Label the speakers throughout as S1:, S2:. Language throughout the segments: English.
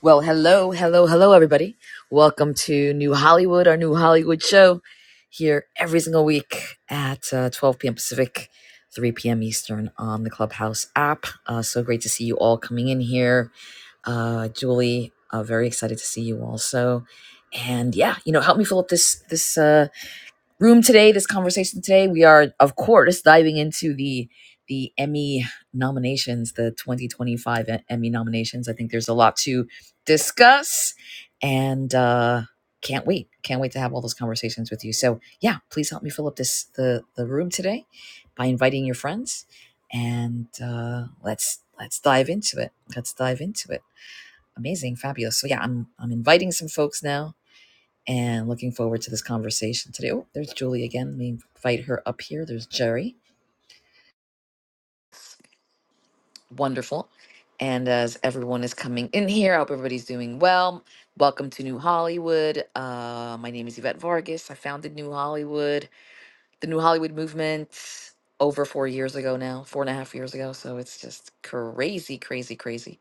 S1: Well, hello, hello, hello, everybody. Welcome to New Hollywood, our new Hollywood show here every single week at uh, 12 p.m. Pacific, 3 p.m. Eastern on the Clubhouse app. Uh, so great to see you all coming in here. Uh, Julie, uh, very excited to see you also. And yeah, you know, help me fill up this this. uh, room today, this conversation today, we are of course diving into the the Emmy nominations, the 2025 E- Emmy nominations. I think there's a lot to discuss and uh can't wait. Can't wait to have all those conversations with you. So, yeah, please help me fill up this the the room today by inviting your friends and uh let's let's dive into it. Let's dive into it. Amazing, fabulous. So, yeah, I'm I'm inviting some folks now and looking forward to this conversation today. Oh, there's Julie again. Let me invite her up here. There's Jerry. Wonderful. And as everyone is coming in here, I hope everybody's doing well. Welcome to New Hollywood. Uh, my name is Yvette Vargas. I founded New Hollywood, the New Hollywood movement over four years ago now, four and a half years ago. So it's just crazy, crazy, crazy.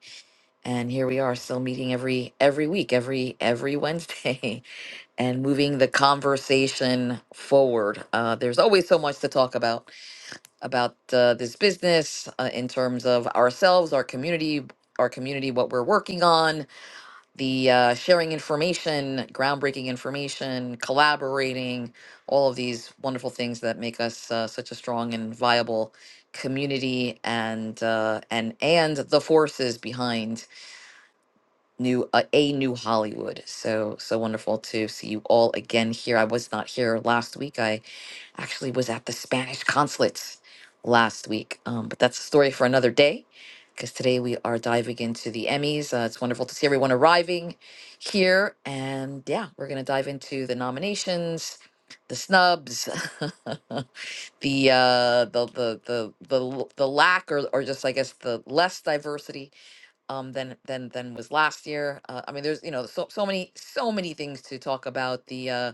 S1: And here we are still meeting every every week, every every Wednesday. and moving the conversation forward. Uh, there's always so much to talk about about uh, this business uh, in terms of ourselves, our community, our community, what we're working on, the uh, sharing information, groundbreaking information, collaborating, all of these wonderful things that make us uh, such a strong and viable community, and uh, and and the forces behind new uh, a new Hollywood. So so wonderful to see you all again here. I was not here last week. I actually was at the Spanish consulate last week, um, but that's a story for another day. Because today we are diving into the Emmys. Uh, it's wonderful to see everyone arriving here, and yeah, we're gonna dive into the nominations, the snubs, the uh, the the the the l- the lack or or just I guess the less diversity um than than than was last year. Uh, I mean, there's you know so so many so many things to talk about. The uh,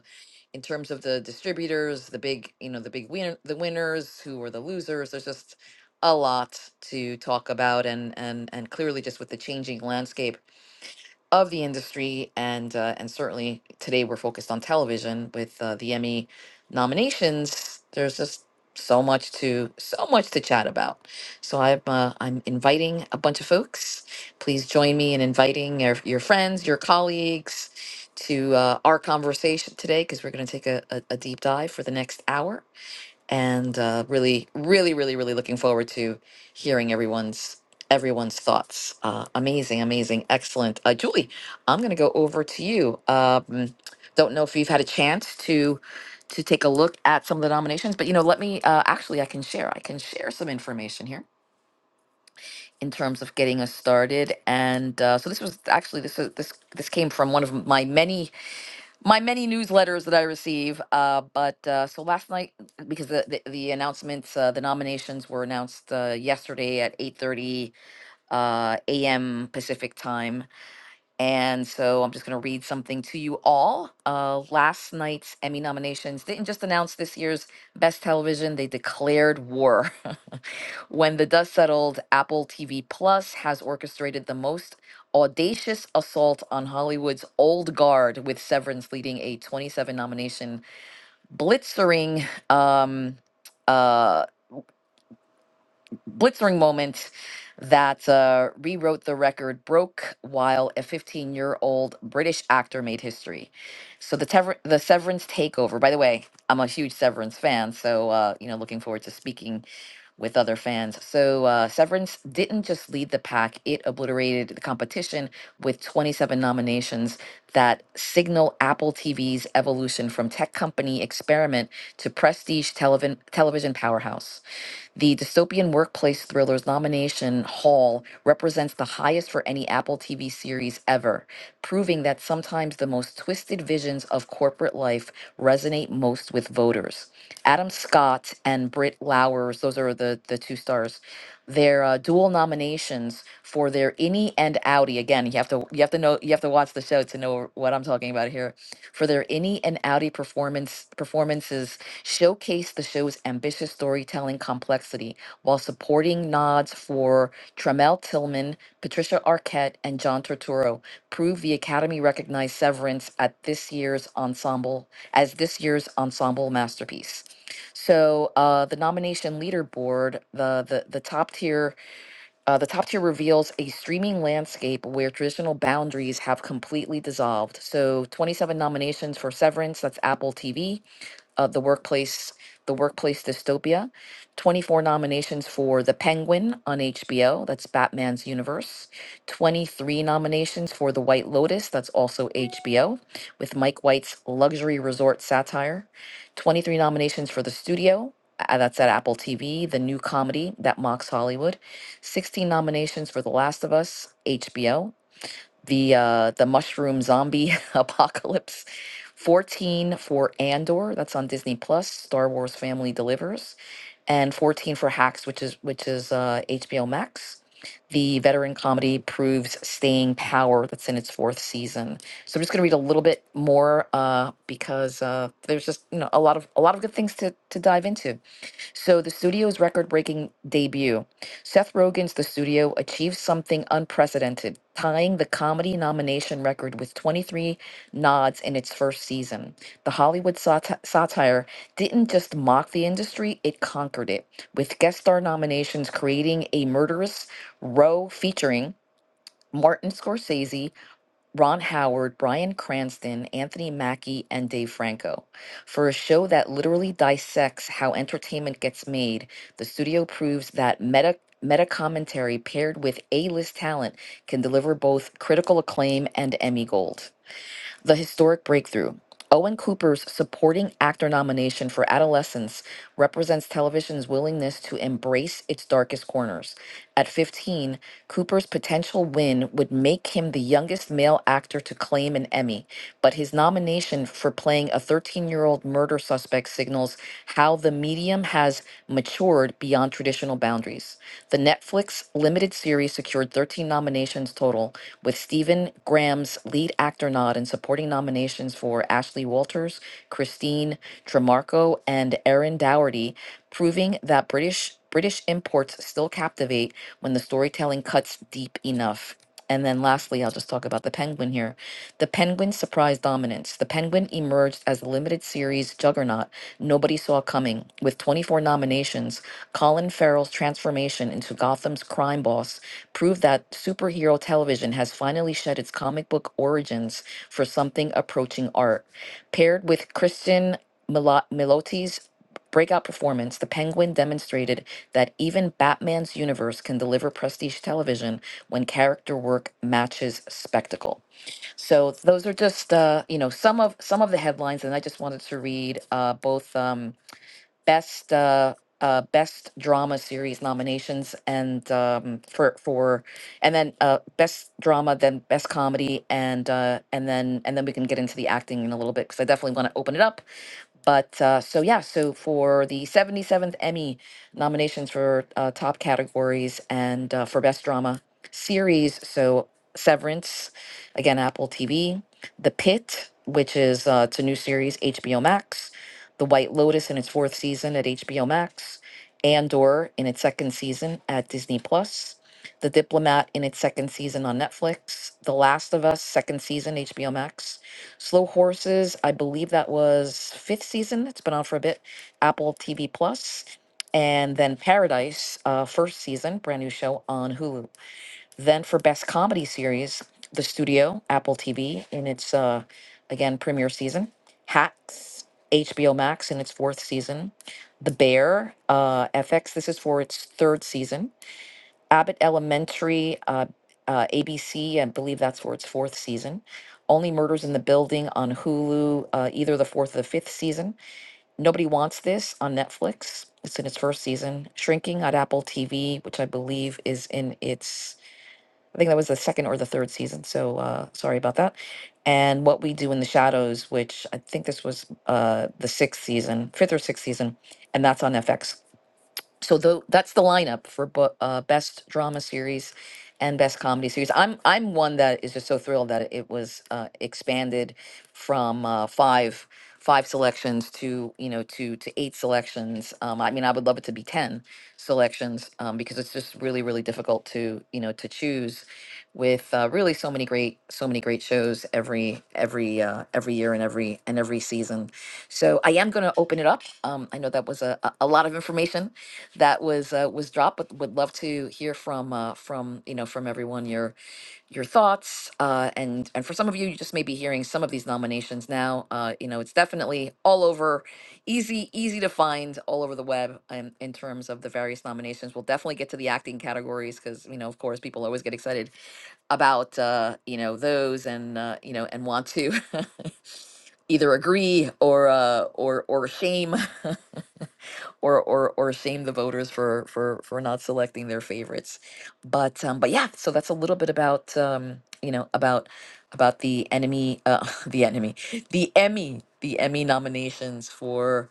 S1: in terms of the distributors, the big you know the big winner the winners who were the losers. There's just a lot to talk about, and and and clearly just with the changing landscape of the industry, and uh, and certainly today we're focused on television with uh, the Emmy nominations. There's just so much to so much to chat about. So I'm uh, I'm inviting a bunch of folks. Please join me in inviting your, your friends, your colleagues, to uh, our conversation today because we're going to take a, a, a deep dive for the next hour and uh, really, really, really, really looking forward to hearing everyone's everyone's thoughts. Uh, amazing, amazing, excellent. Uh, Julie, I'm going to go over to you. Um, don't know if you've had a chance to to take a look at some of the nominations, but you know, let me uh, actually, I can share. I can share some information here in terms of getting us started. And uh, so this was actually this was- this this came from one of my many my many newsletters that I receive. Uh, but uh, so last night, because the the, the announcements, uh, the nominations were announced uh, yesterday at eight thirty uh, a.m. Pacific time, and so I'm just going to read something to you all. Uh, last night's Emmy nominations didn't just announce this year's best television; they declared war. When the dust settled, Apple TV Plus has orchestrated the most audacious assault on Hollywood's old guard, with Severance leading a 27 nomination blitzering um, uh, blitzering moment that uh, rewrote the record, broke while a 15 year old British actor made history. So the tever- the Severance takeover. By the way, I'm a huge Severance fan, so uh, you know, looking forward to speaking with other fans. So uh, Severance didn't just lead the pack, it obliterated the competition with 27 nominations that signal Apple TV's evolution from tech company experiment to prestige television, television powerhouse. The dystopian workplace thrillers nomination haul represents the highest for any Apple TV series ever, proving that sometimes the most twisted visions of corporate life resonate most with voters. Adam Scott and Britt Lowers, those are the, the two stars, their uh, dual nominations for their innie and outie. Again, you have to you have to know you have to watch the show to know what I'm talking about here for their any and outy performance performances showcase the show's ambitious storytelling complexity while supporting nods for Tremel Tillman, Patricia Arquette, and John Turturro prove the Academy recognized Severance at this year's ensemble as this year's ensemble masterpiece. So uh, the nomination leaderboard, the the the top tier uh, the top tier reveals a streaming landscape where traditional boundaries have completely dissolved. So, 27 nominations for Severance, that's Apple TV, uh, the workplace the workplace dystopia 24 nominations for the penguin on hbo that's batman's universe 23 nominations for the white lotus that's also hbo with mike white's luxury resort satire 23 nominations for the studio uh, that's at apple tv the new comedy that mocks hollywood 16 nominations for the last of us hbo the uh the mushroom zombie apocalypse 14 for andor that's on disney plus star wars family delivers and 14 for hacks which is which is uh hbo max the veteran comedy proves staying power that's in its fourth season so i'm just going to read a little bit more uh because uh there's just you know a lot of a lot of good things to to dive into so, the studio's record breaking debut, Seth Rogen's The Studio, achieved something unprecedented, tying the comedy nomination record with 23 nods in its first season. The Hollywood sati- satire didn't just mock the industry, it conquered it, with guest star nominations creating a murderous row featuring. Martin Scorsese, Ron Howard, Bryan Cranston, Anthony Mackie, and Dave Franco for a show that literally dissects how entertainment gets made. The studio proves that meta meta commentary paired with A-list talent can deliver both critical acclaim and Emmy gold. The historic breakthrough. Owen Cooper's supporting actor nomination for Adolescence represents television's willingness to embrace its darkest corners. At 15, Cooper's potential win would make him the youngest male actor to claim an Emmy, but his nomination for playing a 13 year old murder suspect signals how the medium has matured beyond traditional boundaries. The Netflix limited series secured 13 nominations total, with Stephen Graham's lead actor nod and supporting nominations for Ashley Walters, Christine Tremarco, and Erin Dougherty, proving that British British imports still captivate when the storytelling cuts deep enough. And then lastly, I'll just talk about the Penguin here. The Penguin surprised dominance. The Penguin emerged as a limited series juggernaut nobody saw coming. With 24 nominations, Colin Farrell's transformation into Gotham's crime boss proved that superhero television has finally shed its comic book origins for something approaching art. Paired with Kristen Milo- Miloti's breakout performance, The Penguin demonstrated that even Batman's universe can deliver prestige television when character work matches spectacle. So those are just uh, you know some of some of the headlines, and I just wanted to read uh, both. Um, best uh, uh, best drama series nominations and um, for for and then uh, best drama, then best comedy, and uh, and then and then we can get into the acting in a little bit because I definitely want to open it up. But uh, so yeah, so for the seventy seventh Emmy nominations for uh, top categories and uh, for best drama series, so Severance, again Apple TV, The Pit, which is uh, it's a new series HBO Max, the White Lotus in its fourth season at HBO Max, Andor in its second season at Disney Plus, The Diplomat in its second season on Netflix, The Last of Us second season HBO Max, Slow Horses, I believe that was fifth season. It's been on for a bit. Apple TV Plus, and then Paradise, uh, first season, brand new show on Hulu. Then for best comedy series, The Studio, Apple TV in its uh again premiere season, Hacks, HBO Max in its fourth season, The Bear, uh FX this is for its third season, Abbott Elementary, uh, uh ABC, I believe that's for its fourth season. Only Murders in the Building on Hulu, uh, either the fourth or the fifth season. Nobody Wants This on Netflix. It's in its first season. Shrinking at Apple TV, which I believe is in its I think that was the second or the third season. So uh, sorry about that. And What We Do in the Shadows, which I think this was uh, the sixth season, fifth or sixth season, and that's on FX. So tho- that's the lineup for bo- uh, best drama series and best comedy series. I'm I'm one that is just so thrilled that it was uh, expanded from uh, five five selections to you know to to eight selections. Um, I mean, I would love it to be ten selections um, because it's just really really difficult to you know to choose with uh, really so many great so many great shows every every uh, every year and every and every season so i am going to open it up um, i know that was a, a a lot of information that was uh, was dropped but would love to hear from uh, from you know from everyone your your thoughts uh, and and for some of you you just may be hearing some of these nominations now uh, you know it's definitely all over easy easy to find all over the web um, in terms of the various nominations we'll definitely get to the acting categories because you know of course people always get excited about uh you know those and uh, you know and want to either agree or uh or or shame or or or shame the voters for for for not selecting their favorites but um but yeah so that's a little bit about um you know about about the enemy uh the enemy the emmy the emmy nominations for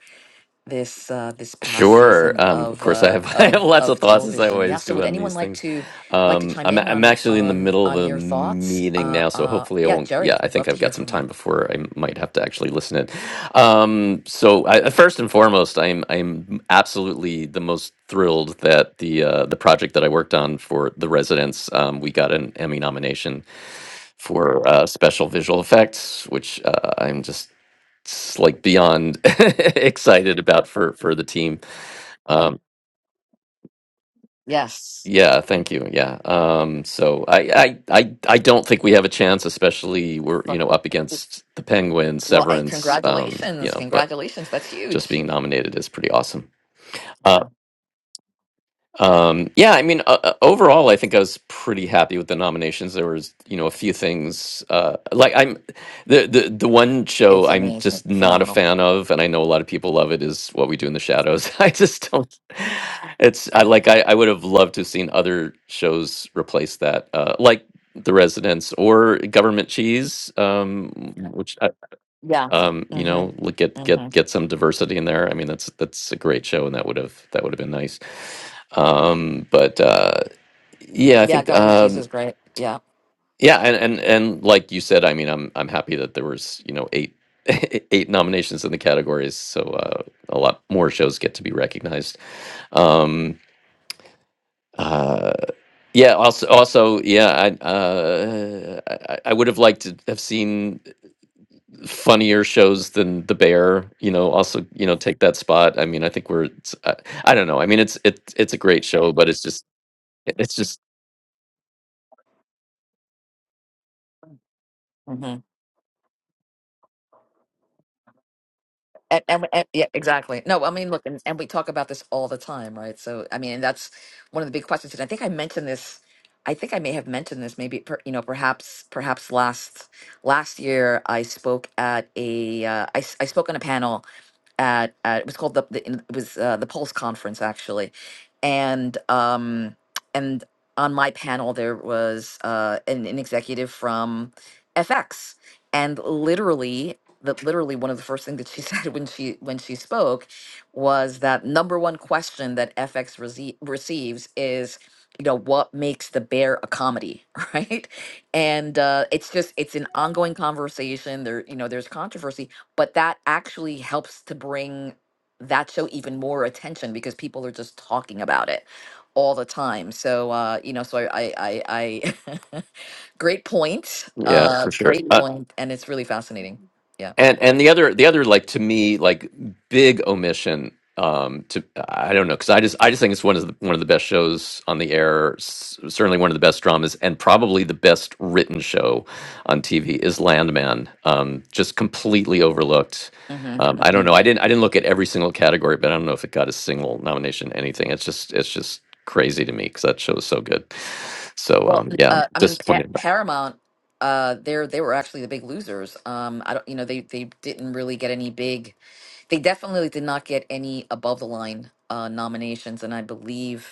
S1: this uh this past
S2: Sure.
S1: season
S2: Um, of
S1: of
S2: course, I
S1: uh
S2: have I have
S1: of
S2: lots
S1: of
S2: of thoughts as I
S1: television yeah
S2: always
S1: so would
S2: do on
S1: anyone
S2: these
S1: like
S2: things.
S1: to like to
S2: Um,
S1: chime
S2: I'm
S1: in
S2: I'm
S1: on
S2: actually in the
S1: on
S2: middle of
S1: on
S2: a
S1: your thoughts
S2: meeting
S1: uh
S2: now, so
S1: uh
S2: hopefully I
S1: yeah
S2: won't. Yeah,
S1: jerry
S2: I
S1: would love
S2: think
S1: to
S2: I've
S1: hear
S2: got some
S1: from you
S2: time before I might have to actually listen in. Um, so I, uh, first and foremost, I'm I'm absolutely the most thrilled that the uh, the project that I worked on for the residents, um, we got an Emmy nomination for uh, special visual effects, which uh, I'm just s- like beyond excited about for for the team. Um,
S1: yes
S2: yeah, thank you. Yeah. Um, so I, I, I, I don't think we have a chance, especially we're, you
S1: Fuck,
S2: know,
S1: fuck,
S2: up against the Penguins,
S1: well and
S2: Severance, um, you
S1: congratulations
S2: know, but
S1: congratulations that's huge
S2: just being nominated is pretty awesome. Uh, Um, yeah, I mean, uh, uh, overall, I think I was pretty happy with the nominations. There was, you know, a few things uh, like I'm the, the the one show
S1: it's
S2: I'm
S1: amazing
S2: just not a
S1: phenomenal
S2: fan of, and I know a lot of people love it. Is What We Do in the Shadows. I just don't. It's I like I, I would have loved to have seen other shows replace that, uh, like The Residents or Government Cheese, um, which I,
S1: yeah
S2: um, you
S1: mm-hmm
S2: know, look, get
S1: mm-hmm
S2: get get some diversity in there. I mean, that's that's a great show, and that would have that would have been nice. Um, but uh, yeah, I
S1: yeah
S2: think
S1: government cheese
S2: um,
S1: is great yeah
S2: yeah, and and and like you said, I mean, I'm I'm happy that there was you know eight eight nominations in the categories, so uh, a lot more shows get to be recognized. Um, uh, yeah, also also yeah, I uh, I, I would have liked to have seen. funnier shows than the bear you know also you know take that spot i mean i think we're it's, I, I don't know i mean it's it's it's a great show but it's just it's just
S1: and, and, and yeah, exactly. No, I mean, look, and, and we talk about this all the time, right? So, I mean, that's one of the big questions. And I think I mentioned this. I think I may have mentioned this. Maybe per, you know, perhaps, perhaps last last year, I spoke at a uh, I, s- I spoke on a panel at, at it was called the, the it was uh, the Pulse conference actually, and um and on my panel there was uh an, an executive from FX, and literally the literally one of the first things that she said when she when she spoke was that number one question that FX rece- receives is you know what makes the bear a comedy right and uh, it's just it's an ongoing conversation there you know there's controversy but that actually helps to bring that show even more attention because people are just talking about it all the time. So uh, you know, so I, I, I, I great point.
S2: yeah
S1: Uh,
S2: for sure
S1: great
S2: Uh,
S1: point, and it's really fascinating. Yeah.
S2: And and the other the other like to me like big omission um to I don't know cuz I just I just think it's one of the, one of the best shows on the air s- certainly one of the best dramas and probably the best written show on TV is Landman um just completely overlooked.
S1: hmm
S2: Um I
S1: hmm
S2: don't know. I didn't I didn't look at every single category but I don't know if it got a single nomination anything. It's just it's just crazy to me cuz that show is so good. So
S1: Well,
S2: um
S1: n-
S2: yeah,
S1: uh, I mean, pa-
S2: disappointed.
S1: Paramount. Uh, they're they were actually the big losers. Um, I don't, you know, they they didn't really get any big. They definitely did not get any above the line uh, nominations, and I believe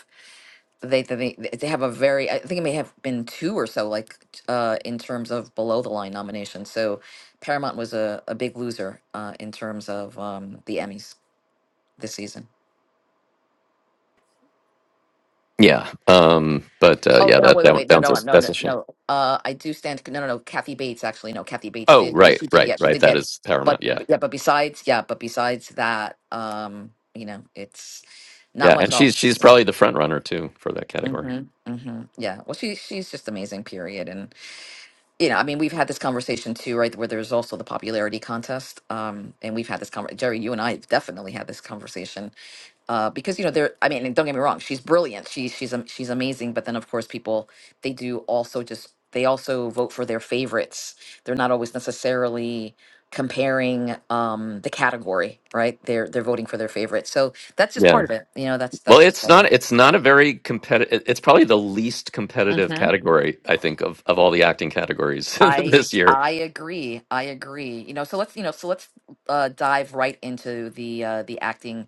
S1: they they they have a very I think it may have been two or so like uh in terms of below the line nominations. So Paramount was a, a big loser uh in terms of um the Emmys this season.
S2: Yeah. Um but uh
S1: Oh
S2: yeah,
S1: no
S2: that
S1: wait wait
S2: that,
S1: wait no
S2: that was
S1: no
S2: a,
S1: no
S2: that's
S1: no
S2: a shame.
S1: no uh I do stand no no no Kathy Bates actually no Kathy Bates
S2: Oh,
S1: did
S2: right,
S1: she did
S2: right,
S1: yeah she
S2: right.
S1: did
S2: That
S1: get
S2: is
S1: but
S2: Paramount. Yeah,
S1: but- yeah but besides yeah but besides that um you know it's not
S2: yeah,
S1: much
S2: and she's
S1: else.
S2: she's probably the front runner too for that category.
S1: Mm-hmm. Mm-hmm. Yeah. Well she she's just amazing period and. you know, I mean, we've had this conversation too, right? Where there's also the popularity contest, um, and we've had this conversation. Jerry, you and I have definitely had this conversation uh, because you know, there. I mean, and don't get me wrong, she's brilliant. She, she's am- she's amazing. But then, of course, people they do also just they also vote for their favorites. They're not always necessarily comparing um, the category, right? They're they're voting for their favorite. So that's just
S2: Yeah.
S1: part of it. You know, that's
S2: Well,
S1: that's just
S2: it's
S1: part of
S2: not
S1: it.
S2: it's not a very competitive. It's probably the least
S1: Mm-hmm.
S2: competitive category I think of of all the acting categories
S1: I
S2: this year.
S1: I agree. I agree. You know, so let's you know, so let's uh, dive right into the uh, the acting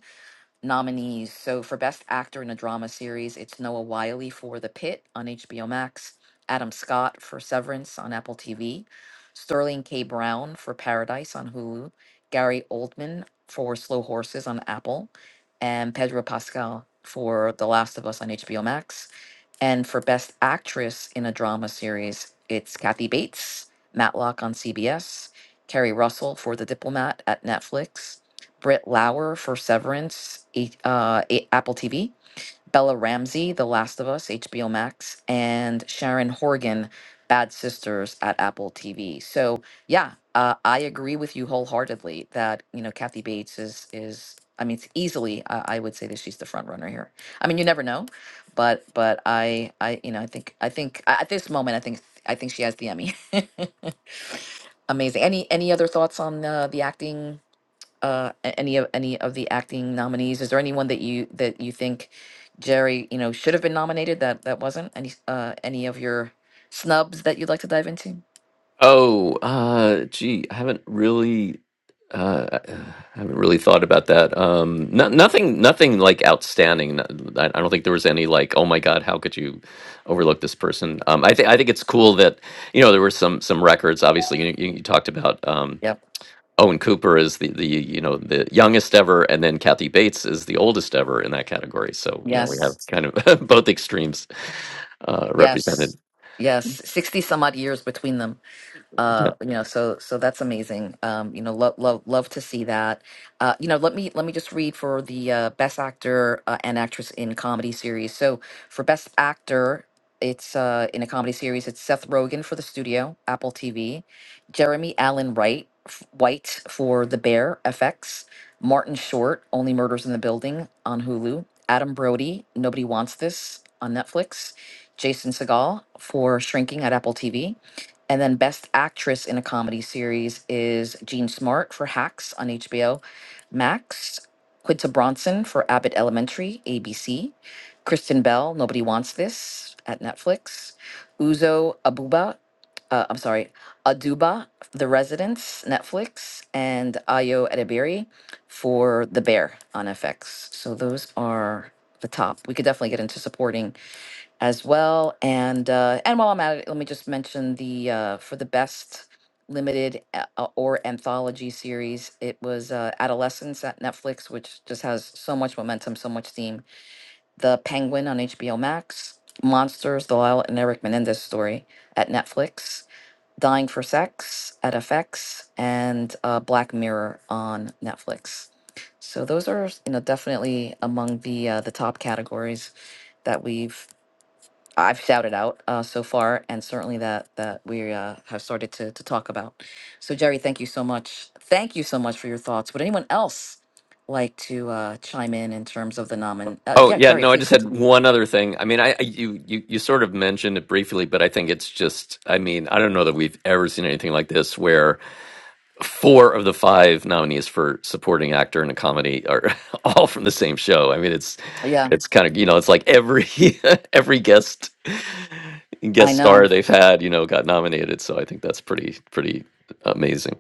S1: nominees. So for Best Actor in a Drama Series, it's Noah Wiley for The Pit on HBO Max, Adam Scott for Severance on Apple TV, Sterling K. Brown for Paradise on Hulu, Gary Oldman for Slow Horses on Apple, and Pedro Pascal for The Last of Us on HBO Max. And for Best Actress in a Drama Series, it's Kathy Bates, Matlock on CBS, Kerry Russell for The Diplomat at Netflix, Britt Lauer for Severance, A- uh, A- Apple TV, Bella Ramsey, The Last of Us, HBO Max, and Sharon Horgan, Bad Sisters at Apple TV. So yeah, uh, I agree with you wholeheartedly that you know Kathy Bates is is I mean it's easily uh, I would say that she's the front runner here. I mean you never know, but but I I you know I think I think at this moment I think I think she has the Emmy. Amazing. Any any other thoughts on uh, the acting uh, a- any of any of the acting nominees? Is there anyone that you that you think Jerry, you know, should have been nominated that that wasn't? Any uh, any of your snubs that you'd like to dive into?
S2: Oh, uh, gee, I haven't really, uh, I uh, haven't really thought about that. Um, no, nothing, nothing like outstanding. No- I, I don't think there was any like, oh my God, how could you overlook this person? Um, I think I think it's cool that you know there were some some records. Obviously, you, you, you talked about um,
S1: Yep.
S2: Owen Cooper is the the you know the youngest ever, and then Kathy Bates is the oldest ever in that category. So you know we have
S1: Yes.
S2: kind of both extremes uh, represented.
S1: Yes. Yes. Sixty some odd years between them. uh you know so so that's amazing um you know love love love to see that uh you know let me let me just read for the uh best actor uh, and actress in comedy series so for best actor it's uh in a comedy series it's Seth Rogen for The Studio Apple TV Jeremy Allen Wright f- White for The Bear FX Martin Short Only Murders in the Building on Hulu Adam Brody Nobody Wants This on Netflix Jason Segal for Shrinking at Apple TV and then Best Actress in a Comedy Series is Jean Smart for Hacks on HBO Max, Quinta Bronson for Abbott Elementary, ABC, Kristen Bell, Nobody Wants This at Netflix, Uzo Abuba, uh, I'm sorry, Aduba, The Residence, Netflix, and Ayo Edebiri for The Bear on FX. So those are the top. We could definitely get into supporting as well. And uh, and while I'm at it, let me just mention the uh, for the best limited a- uh, or anthology series. It was uh, Adolescence at Netflix, which just has so much momentum, so much steam. The Penguin on HBO Max, Monsters: The Lyle and Eric Menendez Story at Netflix. Dying for Sex at FX and uh, Black Mirror on Netflix. So those are, you know, definitely among the uh, the top categories that we've I've shouted out uh, so far, and certainly that that we uh, have started to to talk about. So, Jerry, thank you so much. Thank you so much for your thoughts. Would anyone else like to uh, chime in in terms of the nomin? Uh,
S2: Oh
S1: yeah,
S2: yeah,
S1: Jerry,
S2: no, I
S1: please
S2: just had
S1: continue.
S2: one other thing. I mean, I, I you, you you sort of mentioned it briefly, but I think it's just I mean, I don't know that we've ever seen anything like this where four of the five nominees for supporting actor in a comedy are all from the same show. I mean, it's
S1: Yeah,
S2: it's kind of, you know, it's like every every guest
S1: I
S2: guest
S1: know.
S2: star they've had, you know, got nominated. So I think that's pretty pretty amazing.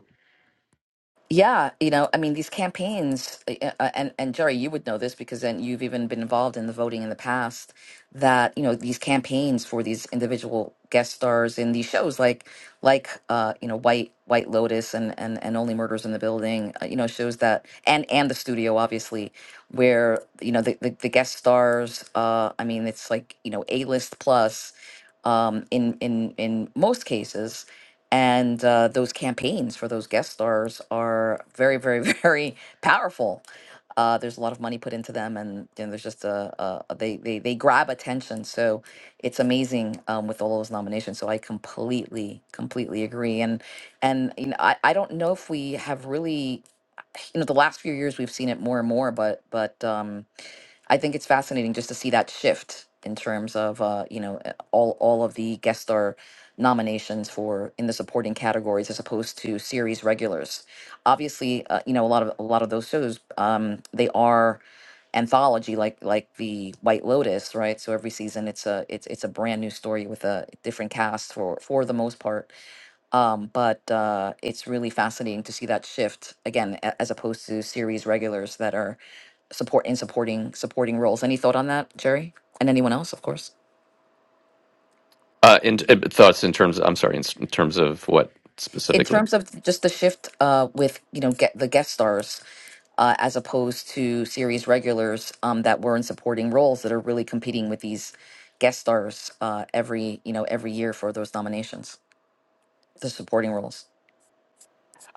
S1: Yeah, you know, I mean, these campaigns, uh, uh, and and Jerry, you would know this because then you've even been involved in the voting in the past. That you know, these campaigns for these individual guest stars in these shows, like like uh, you know, White White Lotus and and and Only Murders in the Building, uh, you know, shows that and and the studio, obviously, where you know the the, the guest stars. Uh, I mean, it's like you know, A list plus. Um, in in in most cases and uh, those campaigns for those guest stars are very very very powerful uh, there's a lot of money put into them and, you know, there's just a, a a- they, they they grab attention so it's amazing um, with all those nominations so i completely completely agree and and you know I, I don't know if we have really you know the last few years we've seen it more and more but but um. I think it's fascinating just to see that shift in terms of uh, you know uh, all all of the guest star nominations for in the supporting categories as opposed to series regulars. Obviously, uh, you know a lot of a lot of those shows um, they are anthology like like the White Lotus, right? So every season it's a it's it's a brand new story with a different cast for for the most part. Um, but uh, it's really fascinating to see that shift again, a- as opposed to series regulars that are support in supporting supporting roles. Any thought on that, Jerry, and anyone else, of course.
S2: Uh in, uh, thoughts in terms I'm sorry, in, s- in terms of what
S1: In
S2: specifically?
S1: terms of just the shift uh, with you know get the guest stars uh, as opposed to series regulars um, that were in supporting roles that are really competing with these guest stars uh, every you know every year for those nominations, the supporting roles.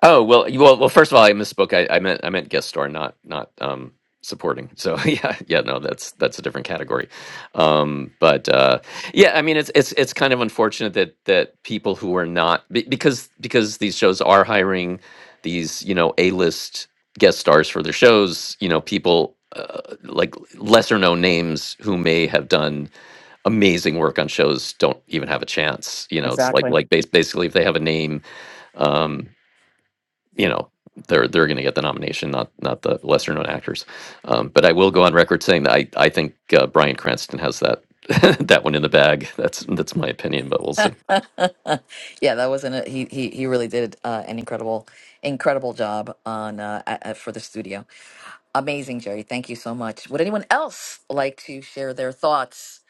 S2: Oh well, you- well, well. First of all, I misspoke. I, I meant I meant guest star, not not um, supporting. So yeah, yeah, no, that's that's a different category. Um, but uh, yeah, I mean, it's it's it's kind of unfortunate that that people who are not be- because because these shows are hiring these you know A list guest stars for their shows. You know, people uh, like lesser known names who may have done amazing work on shows don't even have a chance. You know, it's like
S1: Exactly.
S2: like bas- basically if they have a name. Um, you know they're they're going to get the nomination, not not the lesser known actors. Um, but I will go on record saying that I I think uh, Brian Cranston has that that one in the bag. That's that's my opinion, but we'll see.
S1: yeah, that wasn't a, he he he really did uh, an incredible incredible job on uh, a- a- for the studio. Amazing, Jerry. Thank you so much. Would anyone else like to share their thoughts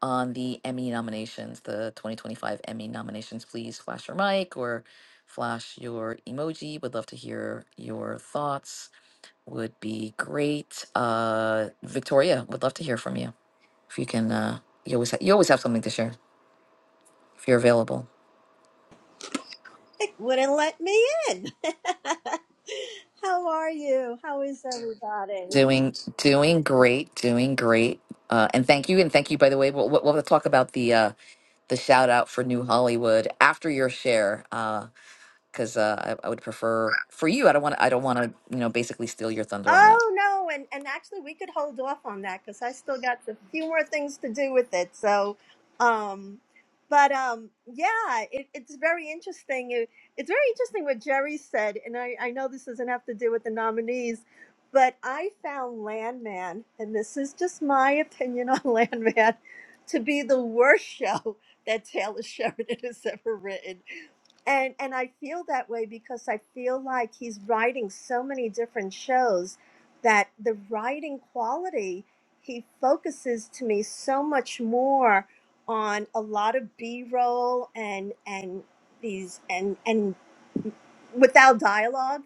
S1: on the Emmy nominations, the 2025 Emmy nominations? Please flash your mic or flash your emoji. Would love to hear your thoughts. Would be great. Uh, Victoria, would love to hear from you if you can. Uh, you always ha- you always have something to share if you're available.
S3: Music wouldn't let me in. How are you? How is everybody?
S1: Doing doing great, doing great. Uh, and thank you, and thank you. By the way, we'll, we'll we'll talk about the uh, the shout out for New Hollywood after your share, because uh, 'cause, uh, I, I would prefer for you. I don't want I don't want to you know basically steal your thunder on that.
S3: Oh no, and and actually we could hold off on that because I still got a few more things to do with it. So, um, but um, yeah, it, it's very interesting. It- it's very interesting what Jerry said, and I I know this doesn't have to do with the nominees, but I found Landman, and this is just my opinion on Landman, to be the worst show that Taylor Sheridan has ever written and and I feel that way because I feel like he's writing so many different shows that the writing quality he focuses to me so much more on a lot of b-roll and and these and and without dialogue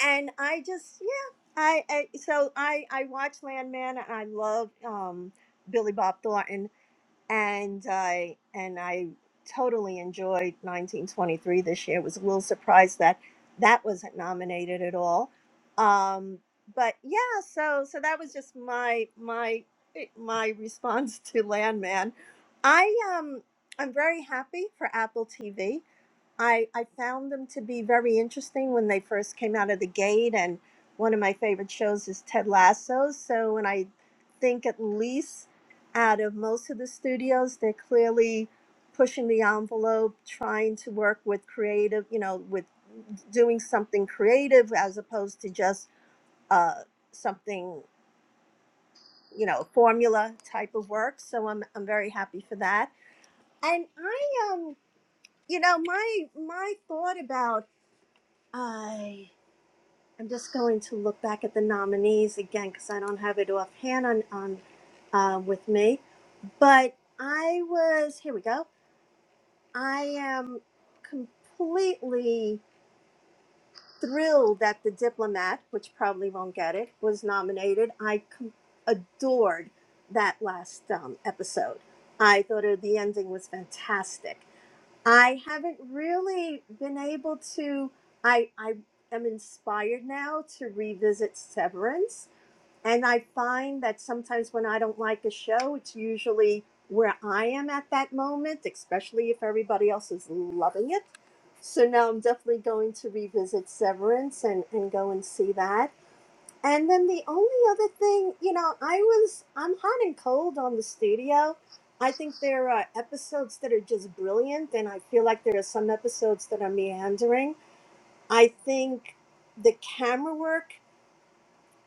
S3: and i just yeah i, I so i i watch landman and i love um billy bob thornton and I and I totally enjoyed 1923 this year. Was a little surprised that that wasn't nominated at all. Um, but yeah, so so that was just my my eh, my response to Landman. I um I'm very happy for Apple TV. I, I found them to be very interesting when they first came out of the gate. And one of my favorite shows is Ted Lasso. So, and I think at least out of most of the studios, they're clearly pushing the envelope, trying to work with creative, you know, with doing something creative as opposed to just uh, something, you know, formula type of work. So I'm, I'm very happy for that. And I um, you know, my my thought about I am just going to look back at the nominees again because I don't have it offhand on, on uh, with me. But I was here. We go. I am completely thrilled that The Diplomat, which probably won't get it, was nominated. I com- adored that last um, episode. I thought it, the ending was fantastic. I haven't really been able to. I I am inspired now to revisit Severance, and I find that sometimes when I don't like a show, it's usually where I am at that moment, especially if everybody else is loving it. So now I'm definitely going to revisit Severance and and go and see that. And then the only other thing, you know, I was I'm hot and cold on the studio. I think there are episodes that are just brilliant, and I feel like there are some episodes that are meandering. I think the camera work.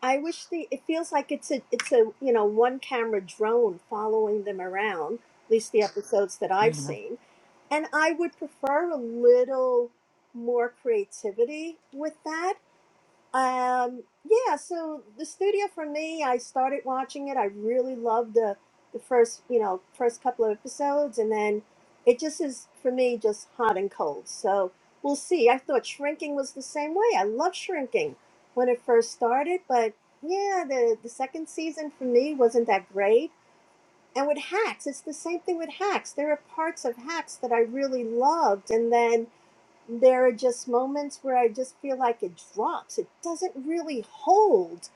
S3: I wish the it feels like it's a it's a you know one camera drone following them around. At least the episodes that I've
S1: hmm
S3: seen, and I would prefer a little more creativity with that um, yeah, so the studio for me, I started watching it. I really loved the the first, you know, first couple of episodes, and then it just is for me just hot and cold. So we'll see. I thought Shrinking was the same way. I loved Shrinking when it first started, but yeah, the the second season for me wasn't that great. And with Hacks, it's the same thing with Hacks. There are parts of Hacks that I really loved, and then there are just moments where I just feel like it drops. It doesn't really hold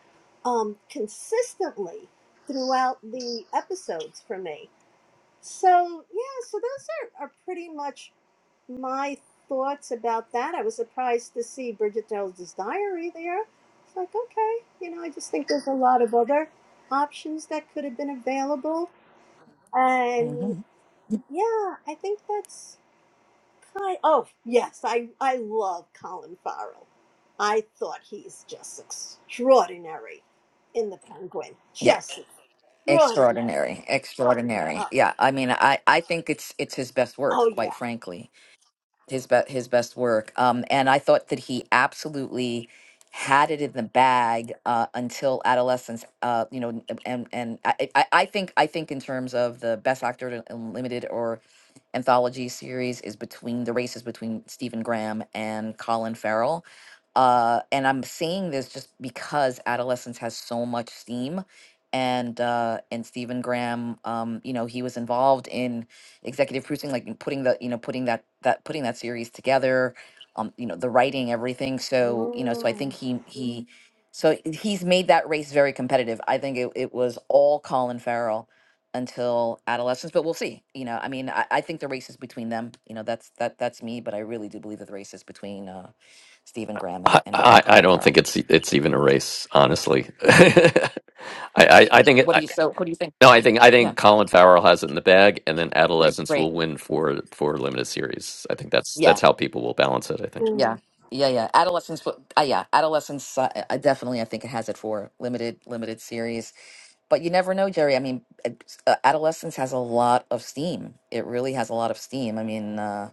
S3: um, consistently throughout the episodes for me. So, yeah, so those are, are pretty much my thoughts about that. I was surprised to see Bridget Jones's diary there. It's like, okay, you know, I just think there's a lot of other options that could have been available. And
S1: hmm
S3: yeah, I think that's I, oh yes, I I love Colin Farrell. I thought he's just extraordinary in the Penguin,
S1: Yeah.
S3: just extraordinary.
S1: Extraordinary,
S3: Uh,
S1: extraordinary. Yeah, I mean, I I think it's it's his best work,
S3: oh
S1: quite
S3: yeah.
S1: frankly his best his best work. Um, and I thought that he absolutely had it in the bag uh, until adolescence. Uh, you know, and and I, I I think I think in terms of the best actor in in limited or anthology series is between the races between Stephen Graham and Colin Farrell. Uh, and I'm saying this just because adolescence has so much steam. And uh, and Stephen Graham, um, you know, he was involved in executive producing like putting the you know putting that that putting that series together um you know the writing everything so you know so i
S3: Mm.
S1: think he he so he's made that race very competitive i think it, it was all colin farrell until adolescence but we'll see you know i mean I, I think the race is between them you know that's that that's me but i really do believe that the race is between uh stephen graham and,
S2: I,
S1: and and
S2: I I
S1: colin
S2: don't think
S1: farrell
S2: it's it's even a race, honestly. I, I, I think it,
S1: what do
S2: I,
S1: you so what do you think
S2: no, I think I
S1: yeah
S2: think Colin Farrell has it in the bag, and then Adolescence
S1: great
S2: will win for for limited series. I think that's
S1: Yeah.
S2: that's how people will balance it. I think.
S1: Yeah, yeah, yeah. Adolescence, w- uh, yeah, adolescence. Uh, I I definitely, I think it has it for limited, limited series. But you never know, Jerry. I mean, it's- uh, adolescence has a lot of steam. It really has a lot of steam. I mean, uh,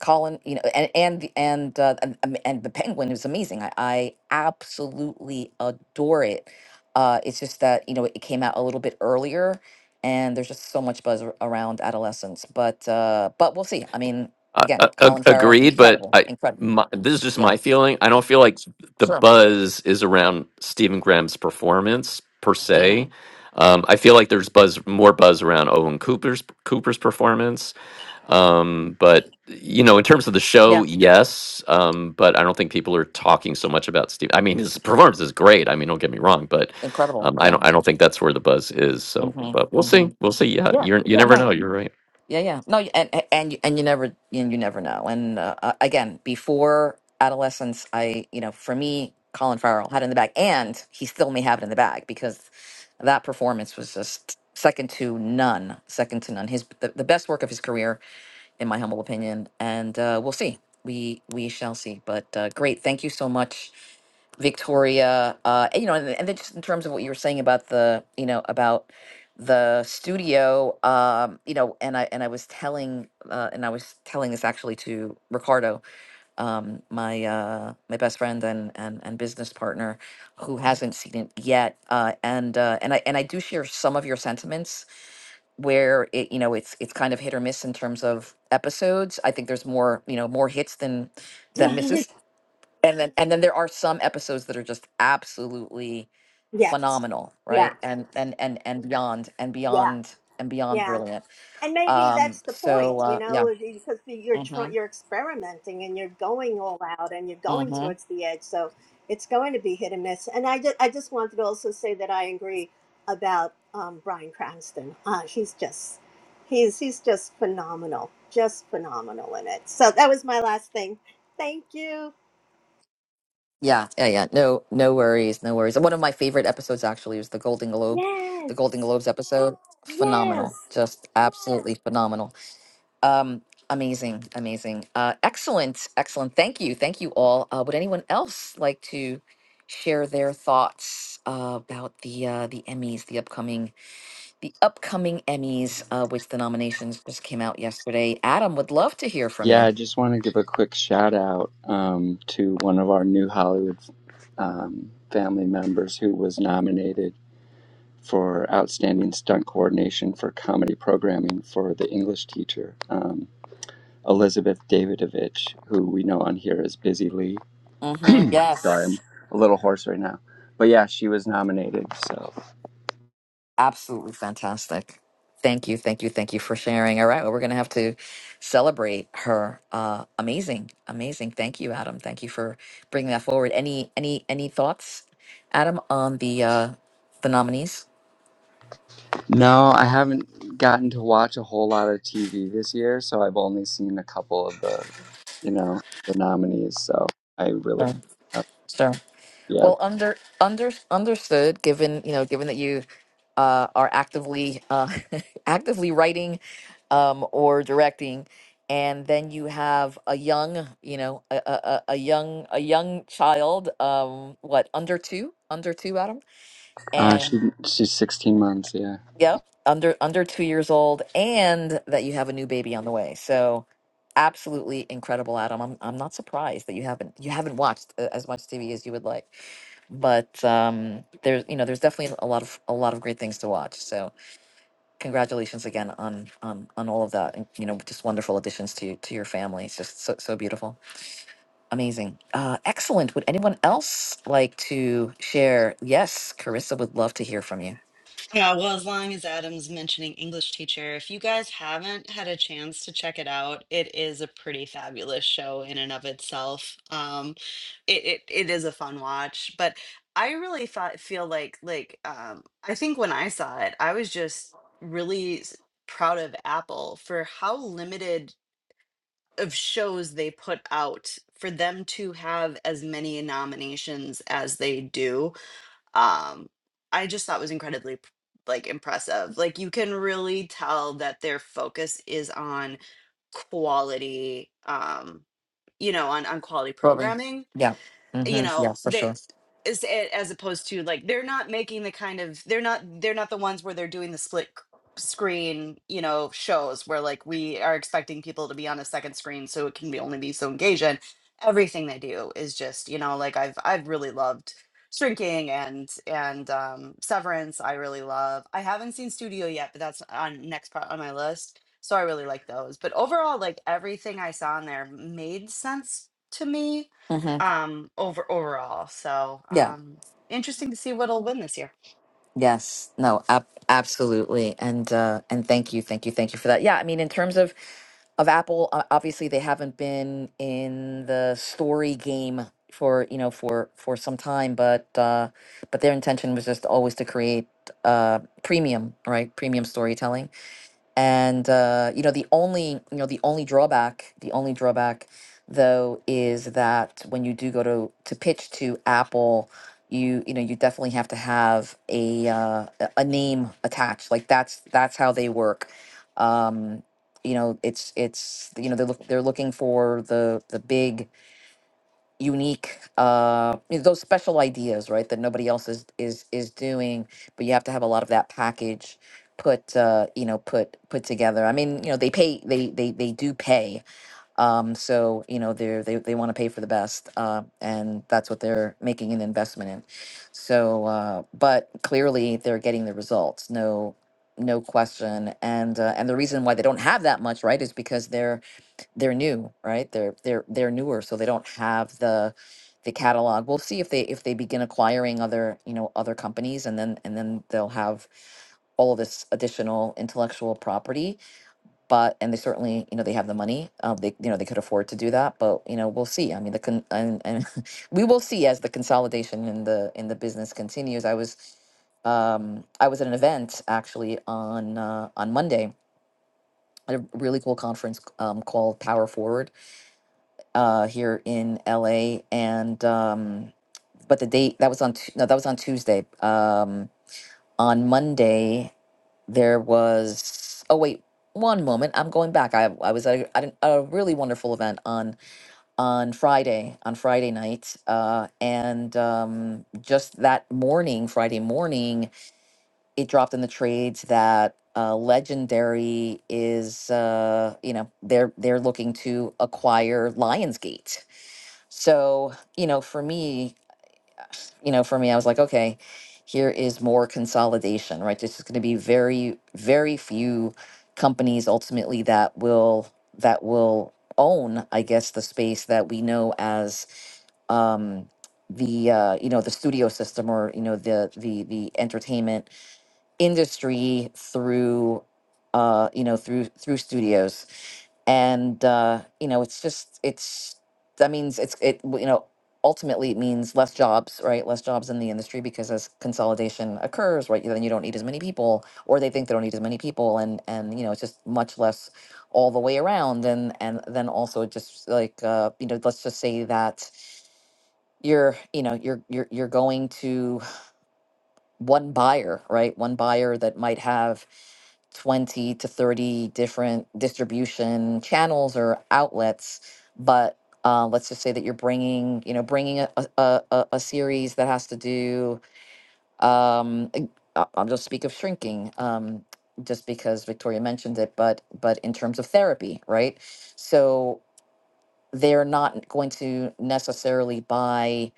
S1: Colin, you know, and and the- and uh, and, um, and the Penguin is amazing. I, I absolutely adore it. Uh, it's just that you know it came out a little bit earlier, and there's just so much buzz ar- around adolescence. But uh, but we'll see. I mean,
S2: Uh,
S1: again,
S2: uh,
S1: Colin
S2: ag-
S1: Farrell,
S2: agreed, but
S1: incredible,
S2: I
S1: incredible.
S2: my, this is just
S1: Yeah.
S2: my feeling. I don't feel like the
S1: Sure.
S2: buzz is around Stephen Graham's performance per
S1: hmm
S2: se. Um, I feel like there's buzz, more buzz around Owen Cooper's Cooper's performance. Um, but you know, in terms of the show,
S1: Yeah.
S2: yes. Um, but I don't think people are talking so much about Steve. I mean, his performance is great. I mean, don't get me wrong, but
S1: Incredible.
S2: um, I
S1: Yeah.
S2: don't. I don't think that's where the buzz is.
S1: hmm
S2: So, but we'll
S1: hmm
S2: see. We'll see. Yeah,
S1: Yeah.
S2: you're. You
S1: Yeah.
S2: never
S1: No.
S2: know. You're right.
S1: Yeah. Yeah. No. y- And and you- and you never and you never know. And uh, uh, again, before adolescence, I you know, for me, Colin Farrell had it in the bag, and he still may have it in the bag because that performance was just second to none. Second to none. His the, the best work of his career, in my humble opinion. And uh, we'll see. We we shall see. But uh, great. Thank you so much Victoria, uh, and, you know, and, and then just in terms of what you were saying about the, you know, about the studio, um, you know, and I and I was telling, uh, and I was telling this actually to Ricardo, um, my uh, my best friend and, and and business partner, who hasn't seen it yet, uh, and uh, and I and I do share some of your sentiments where it, you know, it's it's kind of hit or miss in terms of episodes. I think there's more, you know, more hits than than misses
S3: Mm.
S1: and then and then there are some episodes that are just absolutely
S3: yes.
S1: phenomenal
S3: Yeah.
S1: right and and and and beyond and
S3: Yeah.
S1: beyond and beyond
S3: Yeah.
S1: brilliant
S3: and maybe
S1: um
S3: that's the point,
S1: so
S3: you
S1: uh
S3: know,
S1: yeah
S3: is is because you're
S1: mm-hmm
S3: trying, you're experimenting and you're going all out and you're going
S1: mm-hmm
S3: towards the edge. So it's going to be hit and miss. And I just, I just wanted to also say that I agree about um, Brian Cranston. Uh, he's just, he's he's just phenomenal, just phenomenal in it. So that was my last thing. Thank you.
S1: yeah yeah yeah no no worries no worries and one of my favorite episodes actually was the golden globe the
S3: Yes,
S1: golden globes episode
S3: yes.
S1: phenomenal just absolutely phenomenal Um, amazing, amazing. Uh, excellent, excellent. Thank you. Thank you all. Uh, would anyone else like to share their thoughts uh, about the uh, the Emmys, the upcoming the upcoming Emmys, uh, which the nominations just came out yesterday? Adam would love to hear from
S4: Yeah,
S1: you.
S4: I just want to give a quick shout out um, to one of our new Hollywood um, family members who was nominated for Outstanding Stunt Coordination for Comedy Programming for the English teacher, um, Elizabeth Davidovich, who we know on here as Busy Lee.
S1: Mm-hmm.
S4: Sorry, I'm
S1: Yes.
S4: a little hoarse right now. But yeah, she was nominated. So,
S1: Absolutely fantastic. Thank you, thank you, thank you for sharing. All right, well, we're going to have to celebrate her. Uh, amazing, amazing. Thank you, Adam. Thank you for bringing that forward. Any, any, any thoughts, Adam, on the uh, the nominees?
S4: no, I haven't gotten to watch a whole lot of TV this year, so I've only seen a couple of the you know, the nominees. So I really, uh,
S1: Sure.
S4: yeah.
S1: Well, under under understood. Given you know, given that you uh, are actively uh, actively writing um, or directing, and then you have a young, you know, a, a, a a young a young child, um, what under two, under two, Adam,
S4: Uh, she
S1: and
S4: she's 16 months. Yeah.
S1: yep, under under two years old, and that you have a new baby on the way. So, absolutely incredible, Adam. I'm I'm not surprised that you haven't you haven't watched uh, as much TV as you would like but um there's you know there's definitely a lot of a lot of great things to watch so congratulations again on on on all of that and you know just wonderful additions to to your family it's just so, so beautiful amazing uh excellent would anyone else like to share yes carissa would love to hear from you
S5: Yeah, well, as long as Adam's mentioning English Teacher, if you guys haven't had a chance to check it out, it is a pretty fabulous show in and of itself. Um, it it, it is a fun watch, but I really thought feel like like um, I think when I saw it, I was just really s- proud of Apple for how limited of shows they put out for them to have as many nominations as they do um i just thought was incredibly p- like impressive like you can really tell that their focus is on quality um you know on on quality
S1: Robin.
S5: programming
S1: yeah
S5: you
S1: mm-hmm yeah
S5: know
S1: for
S5: that
S1: sure
S5: is a- as opposed to like they're not making the kind of they're not they're not the ones where they're doing the split c- screen you know shows where like we are expecting people to be on a second screen so it can be only be so engaging everything they do is just you know like i've i've really loved shrinking and and um severance i really love i haven't seen studio yet but that's on next part on my list so i really like those but overall like everything i saw in there made sense to me
S1: mm-hmm
S5: um over overall so
S1: Yeah,
S5: um interesting to see what'll win this year
S1: Yes. No, ab- absolutely. And uh and thank you. Thank you. Thank you for that. Yeah, I mean in terms of of Apple, uh, obviously they haven't been in the story game for, you know, for for some time, but uh but their intention was just always to create uh premium, right? Premium storytelling and uh, you know the only you know the only drawback the only drawback though is that when you do go to to pitch to apple you you know you definitely have to have a uh, a a name attached like that's that's how they work um you know it's it's you know they're look, they're looking for the the big unique uh you know, those special ideas right that nobody else is is is doing but you have to have a lot of that package put uh you know put put together i mean you know they pay they they they do pay um so you know they're they, they want to pay for the best uh and that's what they're making an investment in so uh but clearly they're getting the results no no question and uh, and the reason why they don't have that much right is because they're they're new, right? They're they're they're newer, so they don't have the the catalog. We'll see if they if they begin acquiring other you know other companies, and then and then they'll have all of this additional intellectual property. But and they certainly you know they have the money. Um, they you know they could afford to do that, but you know we'll see. I mean the con- and, and we will see as the consolidation in the in the business continues. I was um, I was at an event actually on uh, on Monday at a really cool conference um, called Power Forward uh, here in LA, and um, but the date that was on Tu- no, that was on Tuesday. Um, on Monday, there was oh wait one moment i'm going back i, I was at, a, at an, a really wonderful event on on friday on friday night uh, and um, just that morning friday morning it dropped in the trades that uh, legendary is uh, you know they're they're looking to acquire lionsgate so, you know, for me, you know, for me, I was like, okay, here is more consolidation, right? This is going to be very, very few companies ultimately that will that will own, I guess, the space that we know as um, the uh, you know the studio system or you know the the the entertainment industry through uh you know through through studios and uh you know it's just it's that means it's it w- you know ultimately it means less jobs right less jobs in the industry because as consolidation occurs right then you don't need as many people or they think they don't need as many people and and you know it's just much less all the way around and and then also just like uh you know let's just say that you're you know you're you're you're going to one buyer, right? One buyer that might have 20 to 30 different distribution channels or outlets, but uh, let's just say that you're bringing, you know, bringing a, a, a, a a series that has to do, um, ag- I- I'll just speak of shrinking, um, just because Victoria mentioned it, but but in terms of therapy, right? So they're not going to necessarily buy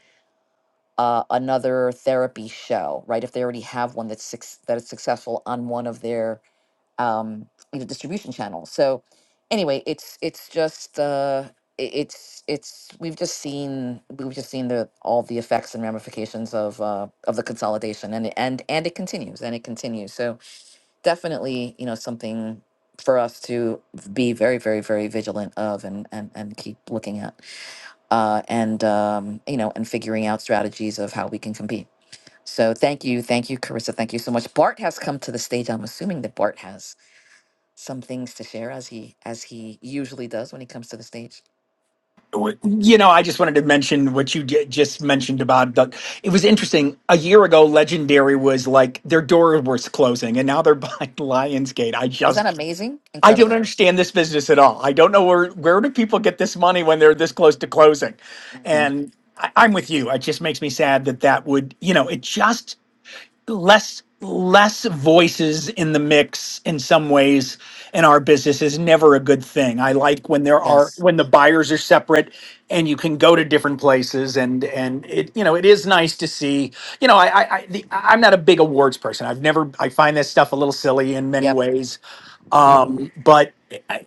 S1: uh, another therapy show, right? If they already have one that's six, that is successful on one of their um, you know distribution channels. So anyway, it's it's just uh, i- it's it's we've just seen we've just seen the all the effects and ramifications of uh, of the consolidation, and it- and and it continues and it continues. So definitely, you know, something for us to be very very very vigilant of and and, and keep looking at uh, and um, you know and figuring out strategies of how we can compete so thank you, thank you, Carissa. Thank you so much. Bart has come to the stage. I'm assuming that Bart has some things to share as he as he usually does when he comes to the stage.
S6: You know, I just wanted to mention what you j- just mentioned about the. It was interesting. A year ago, Legendary was like their door was closing, and now they're buying Lionsgate. I
S1: Is
S6: just,
S1: that amazing?
S6: I don't
S1: Incredible.
S6: understand this business at all. I don't know where where do people get this money when they're this close to closing,
S1: hmm
S6: and I, I'm with you. It just makes me sad that that would, you know, it just less less voices in the mix in some ways in our business is never a good thing. I like when there are
S1: Yes.
S6: when the buyers are separate and you can go to different places and and it you know it is nice to see you know I I, I the, I'm not a big awards person. I've never I find this stuff a little silly in many
S1: Yep.
S6: ways. Um, but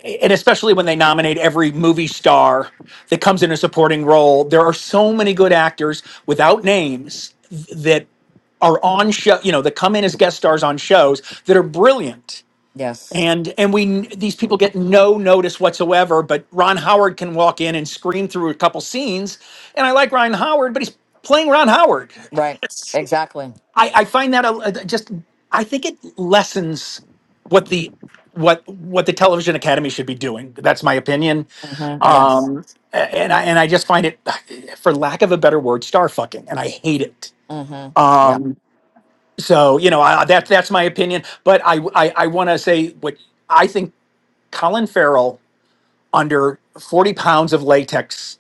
S6: and especially when they nominate every movie star that comes in a supporting role, there are so many good actors without names that are on show you know that come in as guest stars on shows that are brilliant
S1: Yes.
S6: and and we these people get no notice whatsoever but ron howard can walk in and scream through a couple scenes and i like ron howard but he's playing ron howard
S1: Right. Exactly.
S6: i i find that a, a- just i think it lessens what the what what the television academy should be doing that's my opinion
S1: hmm Yes.
S6: um a- and i and i just find it for lack of a better word star fucking and i hate it
S1: hmm Yeah.
S6: Um, So you know I, that's that's my opinion, but I I, I want to say what I think. Colin Farrell under forty pounds of latex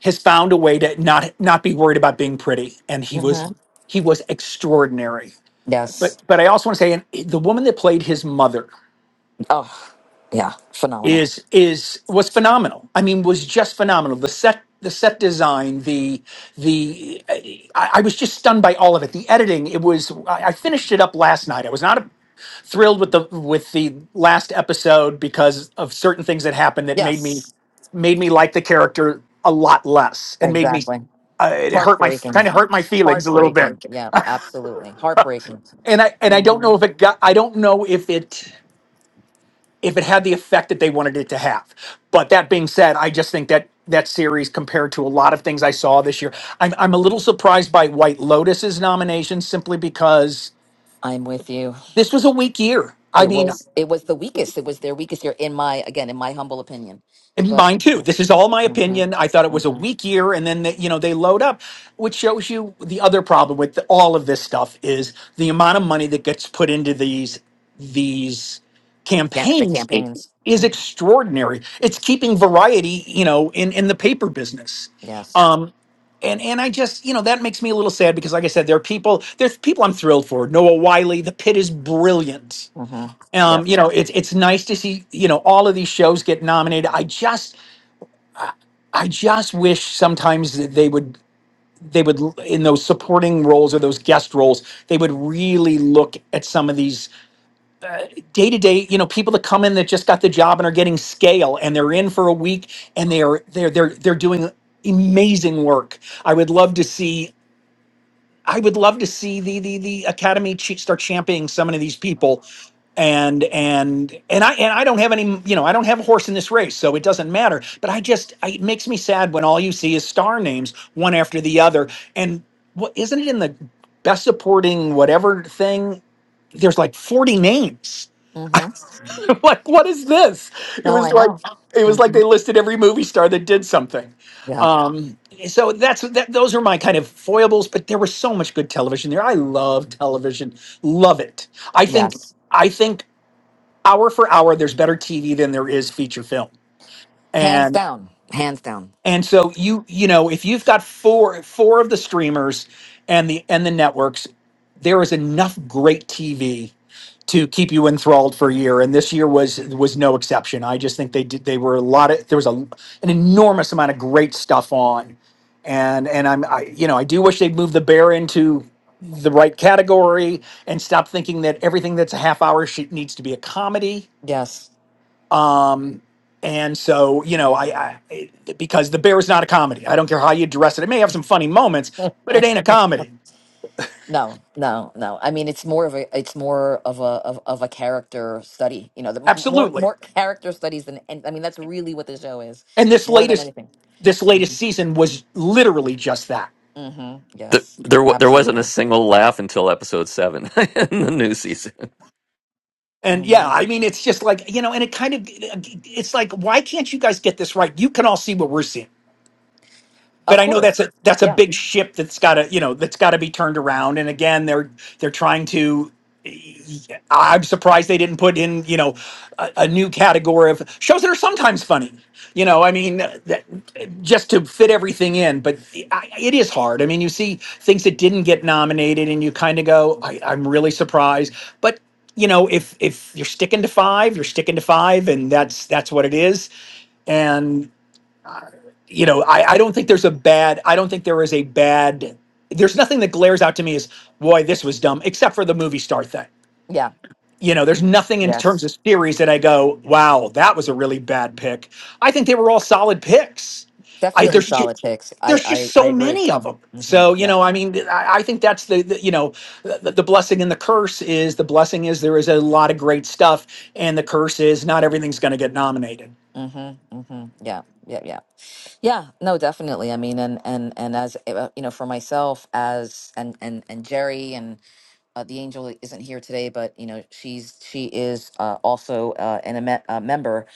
S6: has found a way to not not be worried about being pretty, and he
S1: hmm
S6: was he was extraordinary.
S1: Yes.
S6: But but I also want to say and the woman that played his mother
S1: Oh, yeah. Phenomenal.
S6: is is was phenomenal. I mean, was just phenomenal. The set the set design the the I, I was just stunned by all of it. The editing it was I, I finished it up last night. I was not a thrilled with the with the last episode because of certain things that happened that made me
S1: Yes.
S6: made me like the character a lot less and made me
S1: Exactly.
S6: uh, it hurt my
S1: Heartbreaking.
S6: kind of hurt my feelings a little
S1: Heartbreaking.
S6: bit
S1: Yeah. Absolutely. Heartbreaking.
S6: and i and i don't
S1: hmm
S6: know if it got i don't know if it if it had the effect that they wanted it to have but that being said i just think that that series compared to a lot of things i saw this year i'm, I'm a little surprised by white lotus's nomination simply because
S1: I'm with you.
S6: this was a weak year i
S1: It
S6: mean
S1: was it was the weakest. It was their weakest year, in my again, in my humble opinion.
S6: And
S1: But
S6: mine too.
S1: yeah,
S6: This is all my
S1: mm-hmm,
S6: opinion. I thought it was a
S1: mm-hmm.
S6: weak year, and then they, you know they load up, which shows you the other problem with the, all of this stuff is the amount of money that gets put into these these
S1: yeah, the
S6: campaigns
S1: campaigns.
S6: is
S1: hmm
S6: extraordinary. It's keeping variety, you know, in in the paper business.
S1: Yes.
S6: Um, and and I just you know that makes me a little sad because, like I said, there are people there's people I'm thrilled for. Noah Wiley, the pit is brilliant
S1: hmm Yeah.
S6: um, you know, it's it's nice to see you know all of these shows get nominated. I just I just wish sometimes that they would they would in those supporting roles or those guest roles they would really look at some of these day to day you know people that come in that just got the job and are getting scale and they're in for a week and they are they're they're they're doing amazing work. I would love to see. I would love to see the the the academy ch- start championing some of these people, and and and I and I don't have any you know I don't have a horse in this race, so it doesn't matter. But I just I, it makes me sad when all you see is star names one after the other, and what isn't it in the best supporting whatever thing? There's like forty names
S1: hmm
S6: like what is this it
S1: No, I
S6: was like
S1: know.
S6: it was like
S1: hmm
S6: they listed every movie star that did something
S1: Yeah.
S6: um so that's that those are my kind of foibles but there was so much good television there i love television love it i think
S1: Yes.
S6: i think hour for hour there's better tv than there is feature film
S1: Hands
S6: And
S1: down. Hands down.
S6: and so you you know if you've got four four of the streamers and the and the networks there is enough great tv to keep you enthralled for a year and this year was was no exception i just think they did they were a lot of there was a, an enormous amount of great stuff on and and i'm i you know i do wish they'd move the bear into the right category and stop thinking that everything that's a half hour should needs to be a comedy
S1: Yes.
S6: and so, you know, I, I it, because The Bear is not a comedy. I don't care how you dress it. It may have some funny moments, but it ain't a comedy.
S1: No, no, no. I mean, it's more of a it's more of a of, of a character study. You know, the m- more
S6: Absolutely.
S1: more character studies than and I mean that's really what the show is,
S6: And this
S1: more than
S6: latest
S1: anything.
S6: this
S1: hmm
S6: latest season was literally just that.
S1: hmm
S2: Th
S1: Yes,
S2: there, wa- there wasn't a
S1: absolutely.
S2: single laugh until episode seven in the new season.
S6: And
S1: Mm-hmm.
S6: yeah, I mean, it's just like, you know, and it kind of it's like why can't you guys get this right? You can all see what we're seeing. but
S1: Of
S6: I know that's
S1: course.
S6: a that's a
S1: Yeah.
S6: big ship that's got to you know that's got to be turned around. And again, they're they're trying to. I'm surprised they didn't put in you know a, a new category of shows that are sometimes funny. You know, I mean, uh, that, just to fit everything in. But I, it is hard. I mean, you see things that didn't get nominated, and you kind of go, I, I'm really surprised. But you know, if if you're sticking to five, you're sticking to five, and that's that's what it is And you know, I, I don't think there's a bad, I don't think there is a bad, there's nothing that glares out to me as, boy, this was dumb, except for the movie star thing.
S1: Yeah.
S6: You know, there's nothing in terms
S1: Yes.
S6: of series that I go, wow, that was a really bad pick. I think they were all solid picks. I
S1: Definitely
S6: there's ju-
S1: solid picks. I
S6: there's just
S1: I, I
S6: so
S1: agree.
S6: many of them.
S1: hmm
S6: So you
S1: Yeah.
S6: know, I mean, I, I think that's the, the you know the, the blessing and the curse is the blessing is there is a lot of great stuff, and the curse is not everything's going to get nominated.
S1: hmm hmm Yeah. Yeah. Yeah. Yeah. No, definitely. I mean, and and and as uh, you know, for myself, as and and and Jerry and uh, the angel isn't here today, but you know, she's she is uh, also uh, an a, me- a member,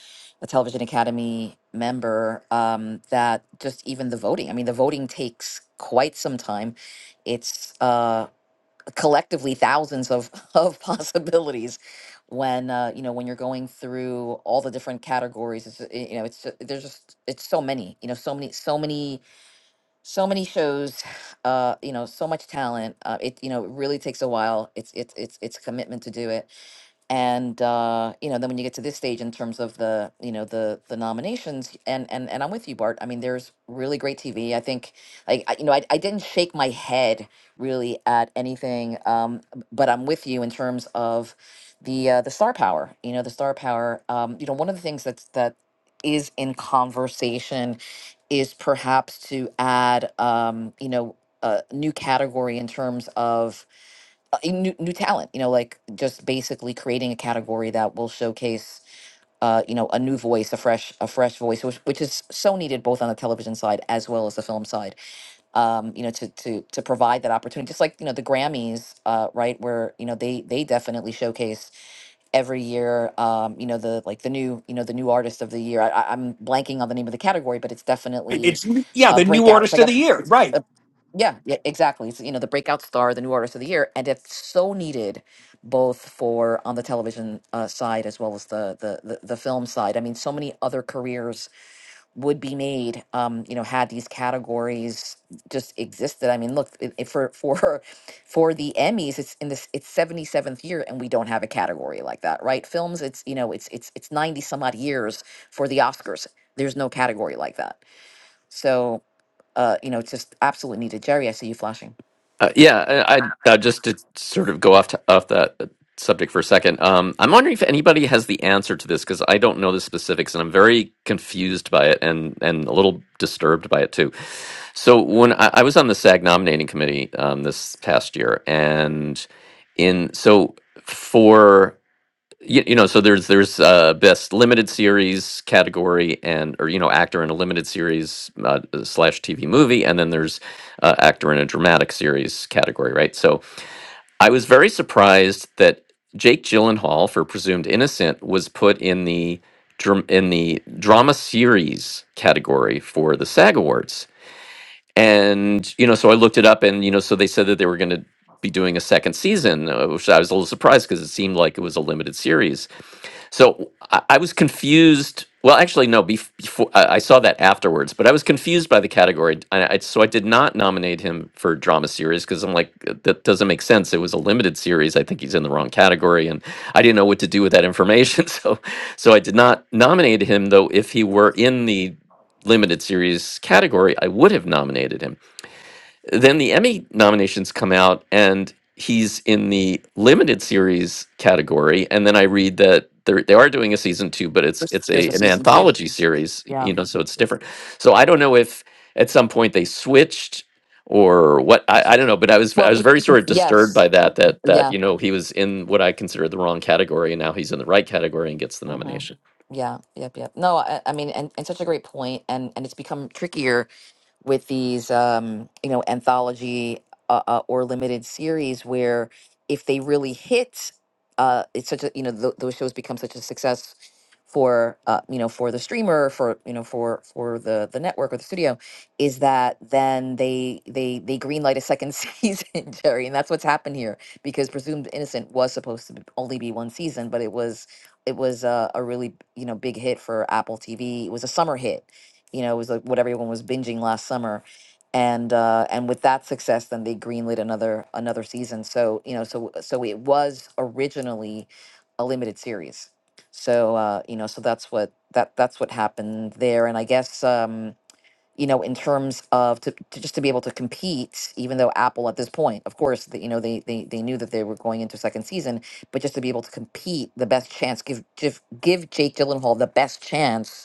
S1: a Television Academy member. Um, that just even the voting. I mean, the voting takes quite some time it's uh collectively thousands of of possibilities when uh, you know when you're going through all the different categories it's, uh, you know it's ju- there's just it's so many you know so many so many so many shows uh you know so much talent uh, it you know it really takes a while it's it's it's it's a commitment to do it and uh, you know then when you get to this stage in terms of the you know the the nominations and and and i'm with you bart i mean there's really great tv i think like I, you know I, I didn't shake my head really at anything um, but i'm with you in terms of the uh, the star power you know the star power um, you know one of the things that's that is in conversation is perhaps to add um, you know a new category in terms of uh, a new new talent. You know, like just basically creating a category that will showcase, uh, you know, a new voice, a fresh a fresh voice, which which is so needed both on the television side as well as the film side. Um, you know, to to to provide that opportunity, just like you know the Grammys, uh, right, where you know they they definitely showcase every year um you know the like the new you know the new artist of the year I, I- i'm blanking on the name of the category but it's definitely
S6: It's yeah,
S1: a
S6: the new
S1: breakout it's
S6: artist
S1: like
S6: of
S1: a
S6: the year,
S1: it's
S6: right?
S1: a, yeah yeah exactly it's you know the breakout star the new artist of the year and it's so needed both for on the television uh, side as well as the, the the the film side i mean so many other careers would be made um you know had these categories just existed i mean look i- i- for for for the emmys it's in this it's 77th year and we don't have a category like that right films it's you know it's it's it's 90 some odd years for the oscars there's no category like that so uh you know it's just absolutely needed jerry i see you flashing
S2: Uh, yeah, I, I uh, just to sort of go off to, off that uh, subject for a second. Um, I'm wondering if anybody has the answer to this because I don't know the specifics and I'm very confused by it and and a little disturbed by it too. So when I, I was on the SAG nominating committee um, this past year, and in so for you, you know so there's there's uh best limited series category and or you know actor in a limited series uh, slash tv movie and then there's uh, actor in a dramatic series category right so i was very surprised that jake gyllenhaal for presumed innocent was put in the dram- in the drama series category for the sag awards and you know so i looked it up and you know so they said that they were going to be doing a second season uh, which i was a little surprised because it seemed like it was a limited series so I, I was confused. Well, actually, no. Bef- before I I saw that afterwards, but I was confused by the category, I, I, so I did not nominate him for drama series because I'm like, "Uh, that doesn't make sense. It was a limited series. I think he's in the wrong category, and I didn't know what to do with that information. So, so I did not nominate him. Though, if he were in the limited series category, I would have nominated him. Then the Emmy nominations come out, and he's in the limited series category. And then I read that they're, they are doing a season two, but it's it's
S1: there's a
S2: a an
S1: season two
S2: anthology series,
S1: yeah
S2: you know, so it's different. So I don't know if at some point they switched or what I, I don't know, but I was I
S1: well
S2: was
S1: it
S2: very sort of disturbed
S1: yes
S2: by that that that
S1: yeah
S2: you know he was in what I consider the wrong category, and now he's in the right category and gets the
S1: hmm
S2: nomination.
S1: yeah yep yep no i, I mean and, and such a great point and and it's become trickier with these um, you know anthology uh, uh, or limited series where if they really hit uh, it's such a you know th- those shows become such a success for uh, you know for the streamer for you know for for the the network or the studio is that then they they they greenlight a second season jerry and that's what's happened here because presumed innocent was supposed to be, only be one season but it was it was a, a really you know big hit for apple tv it was a summer hit you know, it was like what everyone was binging last summer. And uh, and with that success, then they greenlit another another season. So you know, so so it was originally a limited series. So uh, you know, so that's what that that's what happened there. And I guess um, you know, in terms of to, to just to be able to compete, even though Apple at this point, of course, the, you know, they, they they knew that they were going into second season, but just to be able to compete, the best chance give give give Jake Gyllenhaal the best chance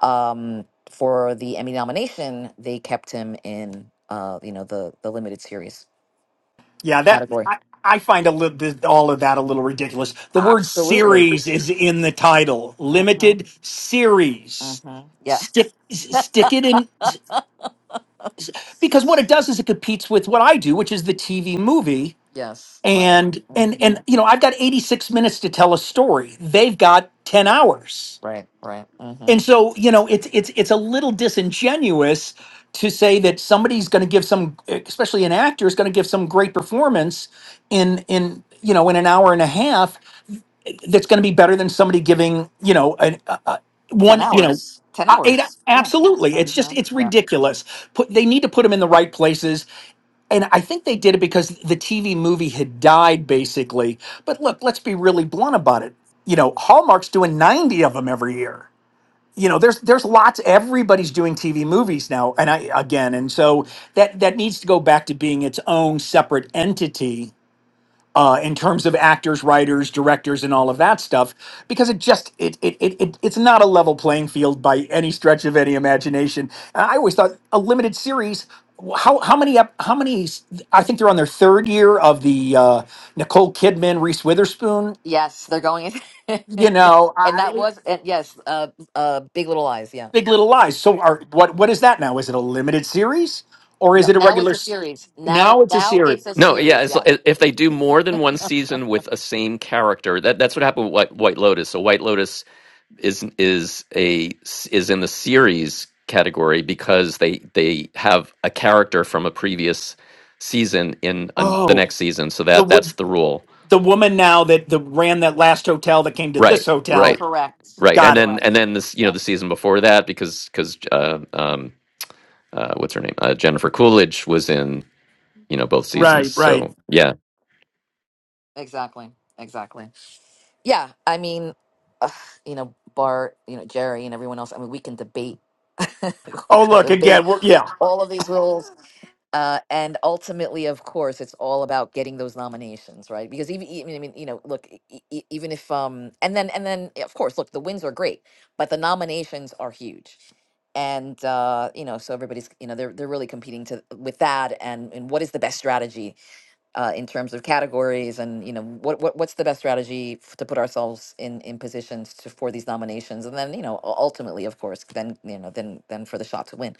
S1: um, for the Emmy nomination, they kept him in, uh, you know, the the limited series
S6: Yeah, that
S1: category.
S6: I, I find a little this, all of that a little ridiculous. The word
S1: Absolutely.
S6: series is in the title.
S1: Mm-hmm.
S6: Limited series.
S1: Mm-hmm. Yeah.
S6: Stick s- stick it in because what it does is it competes with what I do, which is the TV movie.
S1: Yes. Right.
S6: And and
S1: Mm-hmm.
S6: and you know, I've got 86 minutes to tell a story. They've got 10 hours
S1: Right. Right. Mm-hmm.
S6: and so you know it's it's it's a little disingenuous to say that somebody's going to give some especially an actor is going to give some great performance in in you know in an hour and a half that's going to be better than somebody giving you know an a, a-
S1: Ten
S6: one you know
S1: hours. Ten
S6: I, it,
S1: hours. Yeah.
S6: absolutely it's
S1: Mm-hmm.
S6: just it's
S1: Yeah.
S6: ridiculous put they need to put them in the right places and i think they did it because the tv movie had died basically but look let's be really blunt about it you know hallmark's doing 90 of them every year you know there's there's lots everybody's doing tv movies now and i again and so that that needs to go back to being its own separate entity uh, in terms of actors writers directors and all of that stuff because it just it it, it it it's not a level playing field by any stretch of any imagination And i always thought a limited series how how many ep- how many s- i think they're on their third year of the uh, nicole kidman reese witherspoon
S1: Yes, they're going. in.
S6: you know
S1: and that was and yes, uh, uh, Big Little Lies. Yeah.
S6: Big Little Lies. So are what what is that now? Is it a limited series or is
S1: No,
S6: it a
S1: now it's
S6: regular
S1: a
S6: s-
S1: series. Now,
S6: Now it's a
S1: now
S6: series.
S1: it's a
S2: No, yeah,
S1: series.
S2: it's,
S1: Yeah.
S2: like, if they do more than one season with a same character, that that's what happened with White, White Lotus. So White Lotus is is a is in the series category because they they have a character from a previous season in an the
S6: Oh,
S2: next season. So
S6: the
S2: that
S6: wo-
S2: that's the rule,
S6: the woman now that the ran that last hotel that came to this
S2: right? Right.
S6: hotel.
S1: Correct.
S2: Right, and
S6: Got it.
S2: then and
S1: Correct.
S2: then this you know the
S1: Yes.
S2: season before that because because uh, um uh, what's her name uh, Jennifer Coolidge was in you know both seasons
S6: Right, right.
S2: so yeah
S1: Exactly. Exactly. Yeah, I mean, ugh, you know, Bart, you know, Jerry, and everyone else. I mean, we can debate. we
S6: Oh,
S1: can
S6: look
S1: debate
S6: again. We're, yeah.
S1: all of these rules, uh, and ultimately, of course, it's all about getting those nominations, right? Because even, even I mean, you know, look, e- e- e, even if um, and then and then, of course, look, the wins are great, but the nominations are huge, and uh, you know, so everybody's, you know, they're they're really competing to with that, and and what is the best strategy uh, in terms of categories and you know what, what what's the best strategy f- to put ourselves in in positions to, for these nominations and then you know u- ultimately of course then you know then then for the shot to win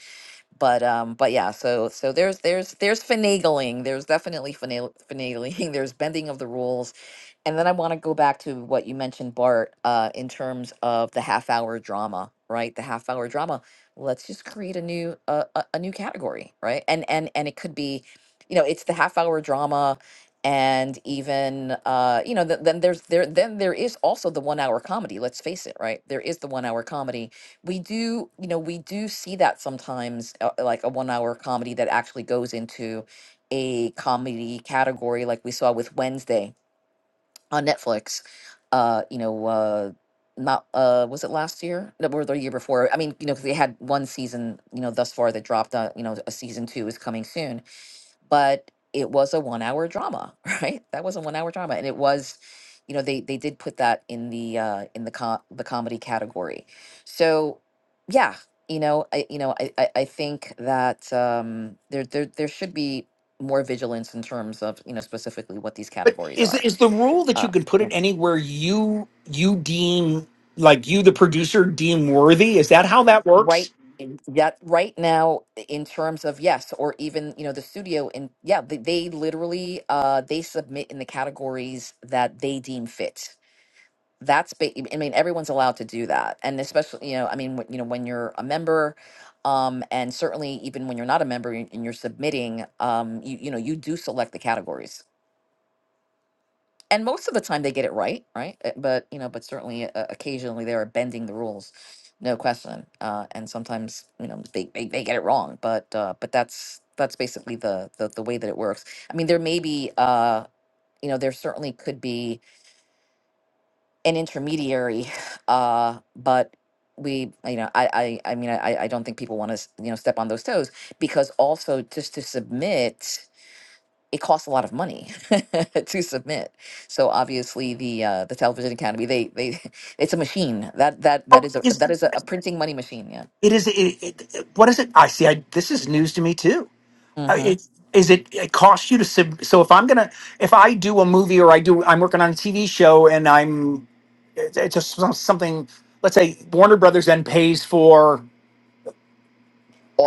S1: but um but yeah so so there's there's there's finagling there's definitely finagle, finagling there's bending of the rules and then I want to go back to what you mentioned, Bart, uh, in terms of the half hour drama, right? The half hour drama. Let's just create a new uh, a, a new category, right? And and and it could be, you know, it's the half hour drama, and even uh, you know, th- then there's there then there is also the one hour comedy. Let's face it, right? There is the one hour comedy. We do, you know, we do see that sometimes, uh, like a one hour comedy that actually goes into a comedy category, like we saw with Wednesday on Netflix. Uh, you know, uh, not uh, was it last year? No, Or the year before? I mean, you know, 'cause they had one season. You know, thus far they dropped. Uh, you know, a season two is coming soon, but it was a one-hour drama, right? That was a one-hour drama, and it was, you know, they they did put that in the uh, in the com- the comedy category. So, yeah. You know, I you know, I, I, I think that um, there there there should be more vigilance in terms of you know specifically what these
S6: But
S1: categories
S6: is
S1: are.
S6: is the rule that
S1: Uh,
S6: you can put it anywhere you you deem like you the producer deem worthy? Is that how that
S1: right
S6: works?
S1: in- that right now in terms of yes or even you know the studio in yeah they, they literally uh they submit in the categories that they deem fit that's ba- i mean everyone's allowed to do that and especially you know i mean when, you know when you're a member um and certainly even when you're not a member and and you're submitting um you you know you do select the categories and most of the time they get it right, right? Uh, But you know, but certainly uh, occasionally they are bending the rules, no question. Uh, and sometimes you know they, they, they get it wrong, but uh, but that's that's basically the, the the way that it works. I mean, there may be uh, you know there certainly could be an intermediary, uh, but we you know I I, I mean I I don't think people want to you know step on those toes because also just to submit it costs a lot of money to submit. So obviously, the uh, the Television Academy they they it's a machine that that that
S6: Oh,
S1: is a
S6: is
S1: that is a, a printing money machine. Yeah.
S6: it is it, it, it what is it? I see. I, this is news to me too. uh,
S1: hmm
S6: it is it it costs you to sub so if i'm gonna if i do a movie or i do i'm working on a tv show and i'm it's, it's just some- something let's say warner brothers then pays for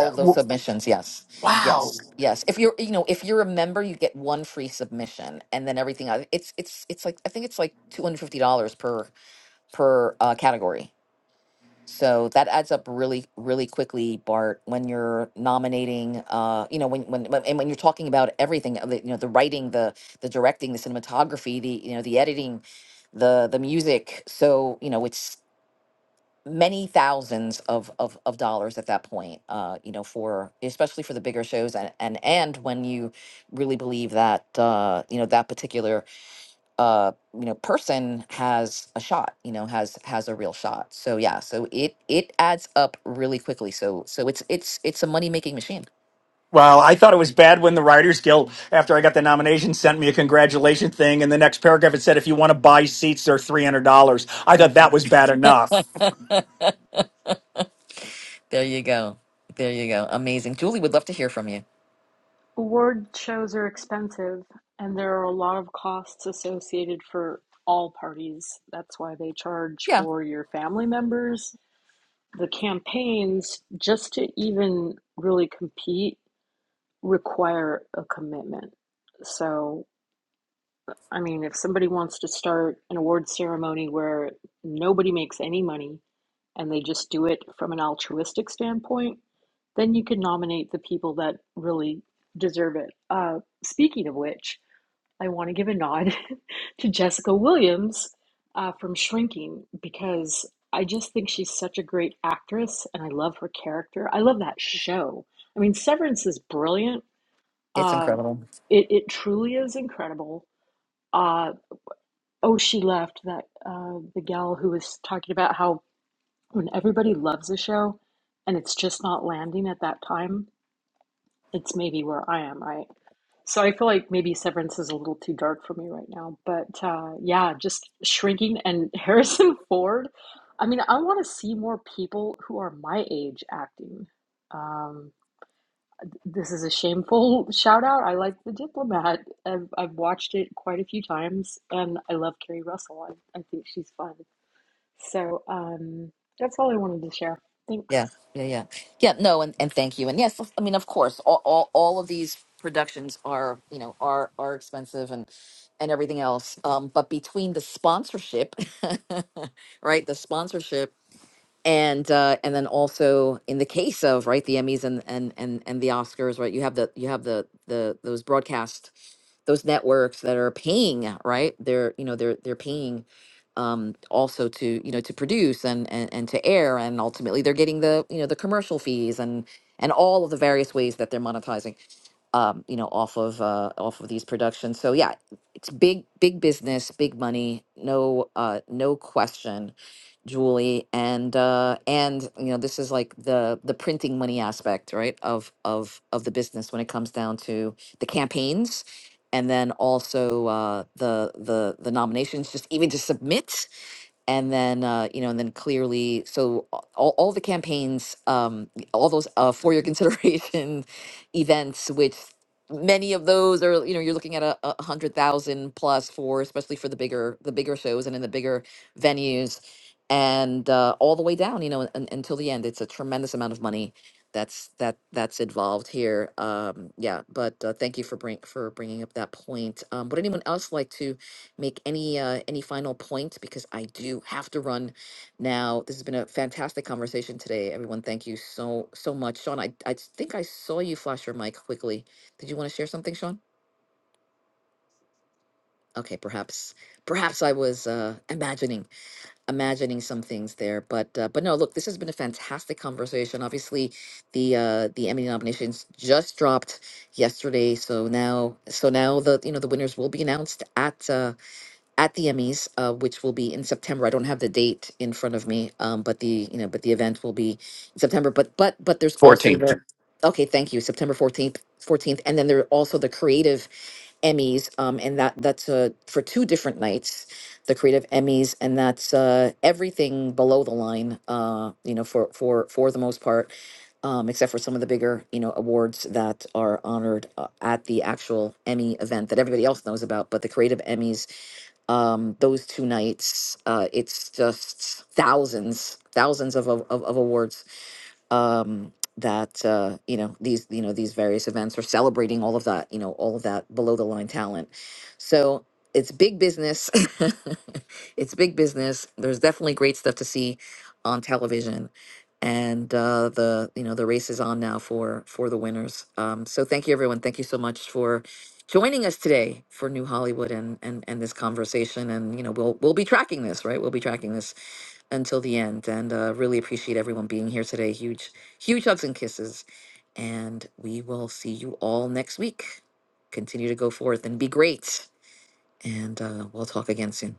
S6: uh,
S1: of those
S6: w-
S1: submissions, yes,
S6: wow
S1: yes, yes. If you're you know if you're a member, you get one free submission, and then everything else. It's it's it's like I think it's like two hundred fifty dollars per per uh, category So that adds up really, really quickly, Bart, when you're nominating, uh, you know, when, when, when- and when you're talking about everything, uh, the- you know, the writing, the, the directing, the cinematography, the, you know, the editing, the, the music. So, you know, it's many thousands of, of, of dollars at that point, uh, you know, for, especially for the bigger shows and, and, and when you really believe that, uh, you know, that particular uh you know person has a shot you know has has a real shot so yeah so it it adds up really quickly so so it's it's it's a money making machine
S6: well i thought it was bad when the writers guild after i got the nomination sent me a congratulation thing and the next paragraph it said if you want to buy seats they're $300 i thought
S1: Mhm.
S6: that was bad enough
S1: there you go there you go amazing julie would love to hear from you
S7: Award shows are expensive, and there are a lot of costs associated for all parties. That's why they charge
S1: yeah
S7: for your family members. The campaigns, just to even really compete, require a commitment. So I mean, if somebody wants to start an award ceremony where nobody makes any money and they just do it from an altruistic standpoint, then you can nominate the people that really deserve it. Uh, speaking of which, I want to give a nod to Jessica Williams uh, from Shrinking because I just think she's such a great actress and I love her character. I love that show. I mean, Severance is brilliant.
S1: it's
S7: Uh,
S1: incredible
S7: it, it truly is incredible. Uh, Oh, she left that uh, the gal who was talking about how when everybody loves a show and it's just not landing at that time, it's maybe where I am, right? So I feel like maybe Severance is a little too dark for me right now, but uh, yeah, just shrinking and Harrison Ford. I mean, I want to see more people who are my age acting. Um, this is a shameful shout out. I like The Diplomat. I've, I've watched it quite a few times, and I love Carrie Russell. I, I think she's fun. So um, that's all I wanted to share. Thanks.
S1: yeah yeah yeah yeah no and, and thank you and yes i mean of course all, all all of these productions are you know are are expensive and and everything else um but between the sponsorship right the sponsorship and uh, and then also in the case of right the Emmys and and and and the Oscars, right? You have the you have the the those broadcast those networks that are paying, right? They're you know they're they're paying um also to you know to produce and, and and to air and ultimately they're getting the you know the commercial fees and and all of the various ways that they're monetizing um you know off of uh off of these productions so yeah big big business big money no uh no question julie and uh and you know this is like the the printing money aspect right of of of the business when it comes down to the campaigns and then also uh the the the nominations just even to submit and then uh, you know, and then clearly, so a- all, all the campaigns, um, all those uh, for your consideration events, which many of those are, you know, you're looking at a, a hundred thousand plus for, especially for the bigger the bigger shows and in the bigger venues, and uh, all the way down, you know, un, until the end, it's a tremendous amount of money that's that that's involved here. Um, yeah, but uh, thank you for bring for bringing up that point. Um, would anyone else like to? make any uh, any final points because I do have to run now. This has been a fantastic conversation today, everyone. Thank you so so much, Sean. I I think I saw you flash your mic quickly. Did you want to share something, Sean? Okay, perhaps perhaps I was uh, imagining imagining some things there, but uh, but no, look, this has been a fantastic conversation. Obviously, the uh, the Emmy nominations just dropped yesterday, so now so now the you know the winners will be announced at. Uh, at the Emmys, uh, which will be in September. I don't have the date in front of me, um, but the you know, but the event will be in September. But but but there's also
S2: 14
S1: the okay, thank you, September fourteenth, fourteenth, and then there are also the Creative Emmys, um, and that that's uh, for two different nights, the Creative Emmys, and that's uh, everything below the line, uh, you know, for for for the most part. Um, except for some of the bigger, you know, awards that are honored uh, at the actual Emmy event that everybody else knows about, but the Creative Emmys um, those two nights. Uh, it's just thousands, thousands of, of, of awards um, that uh, you know these you know these various events are celebrating all of that you know all of that below the line talent so it's big business it's big business there's definitely great stuff to see on television and uh, the you know the race is on now for for the winners um, so thank you everyone thank you so much for joining us today for new hollywood and and and this conversation and you know we'll we'll be tracking this right we'll be tracking this until the end. And uh, really appreciate everyone being here today. Huge, huge hugs and kisses. And we will see you all next week. Continue to go forth and be great. And uh, we'll talk again soon.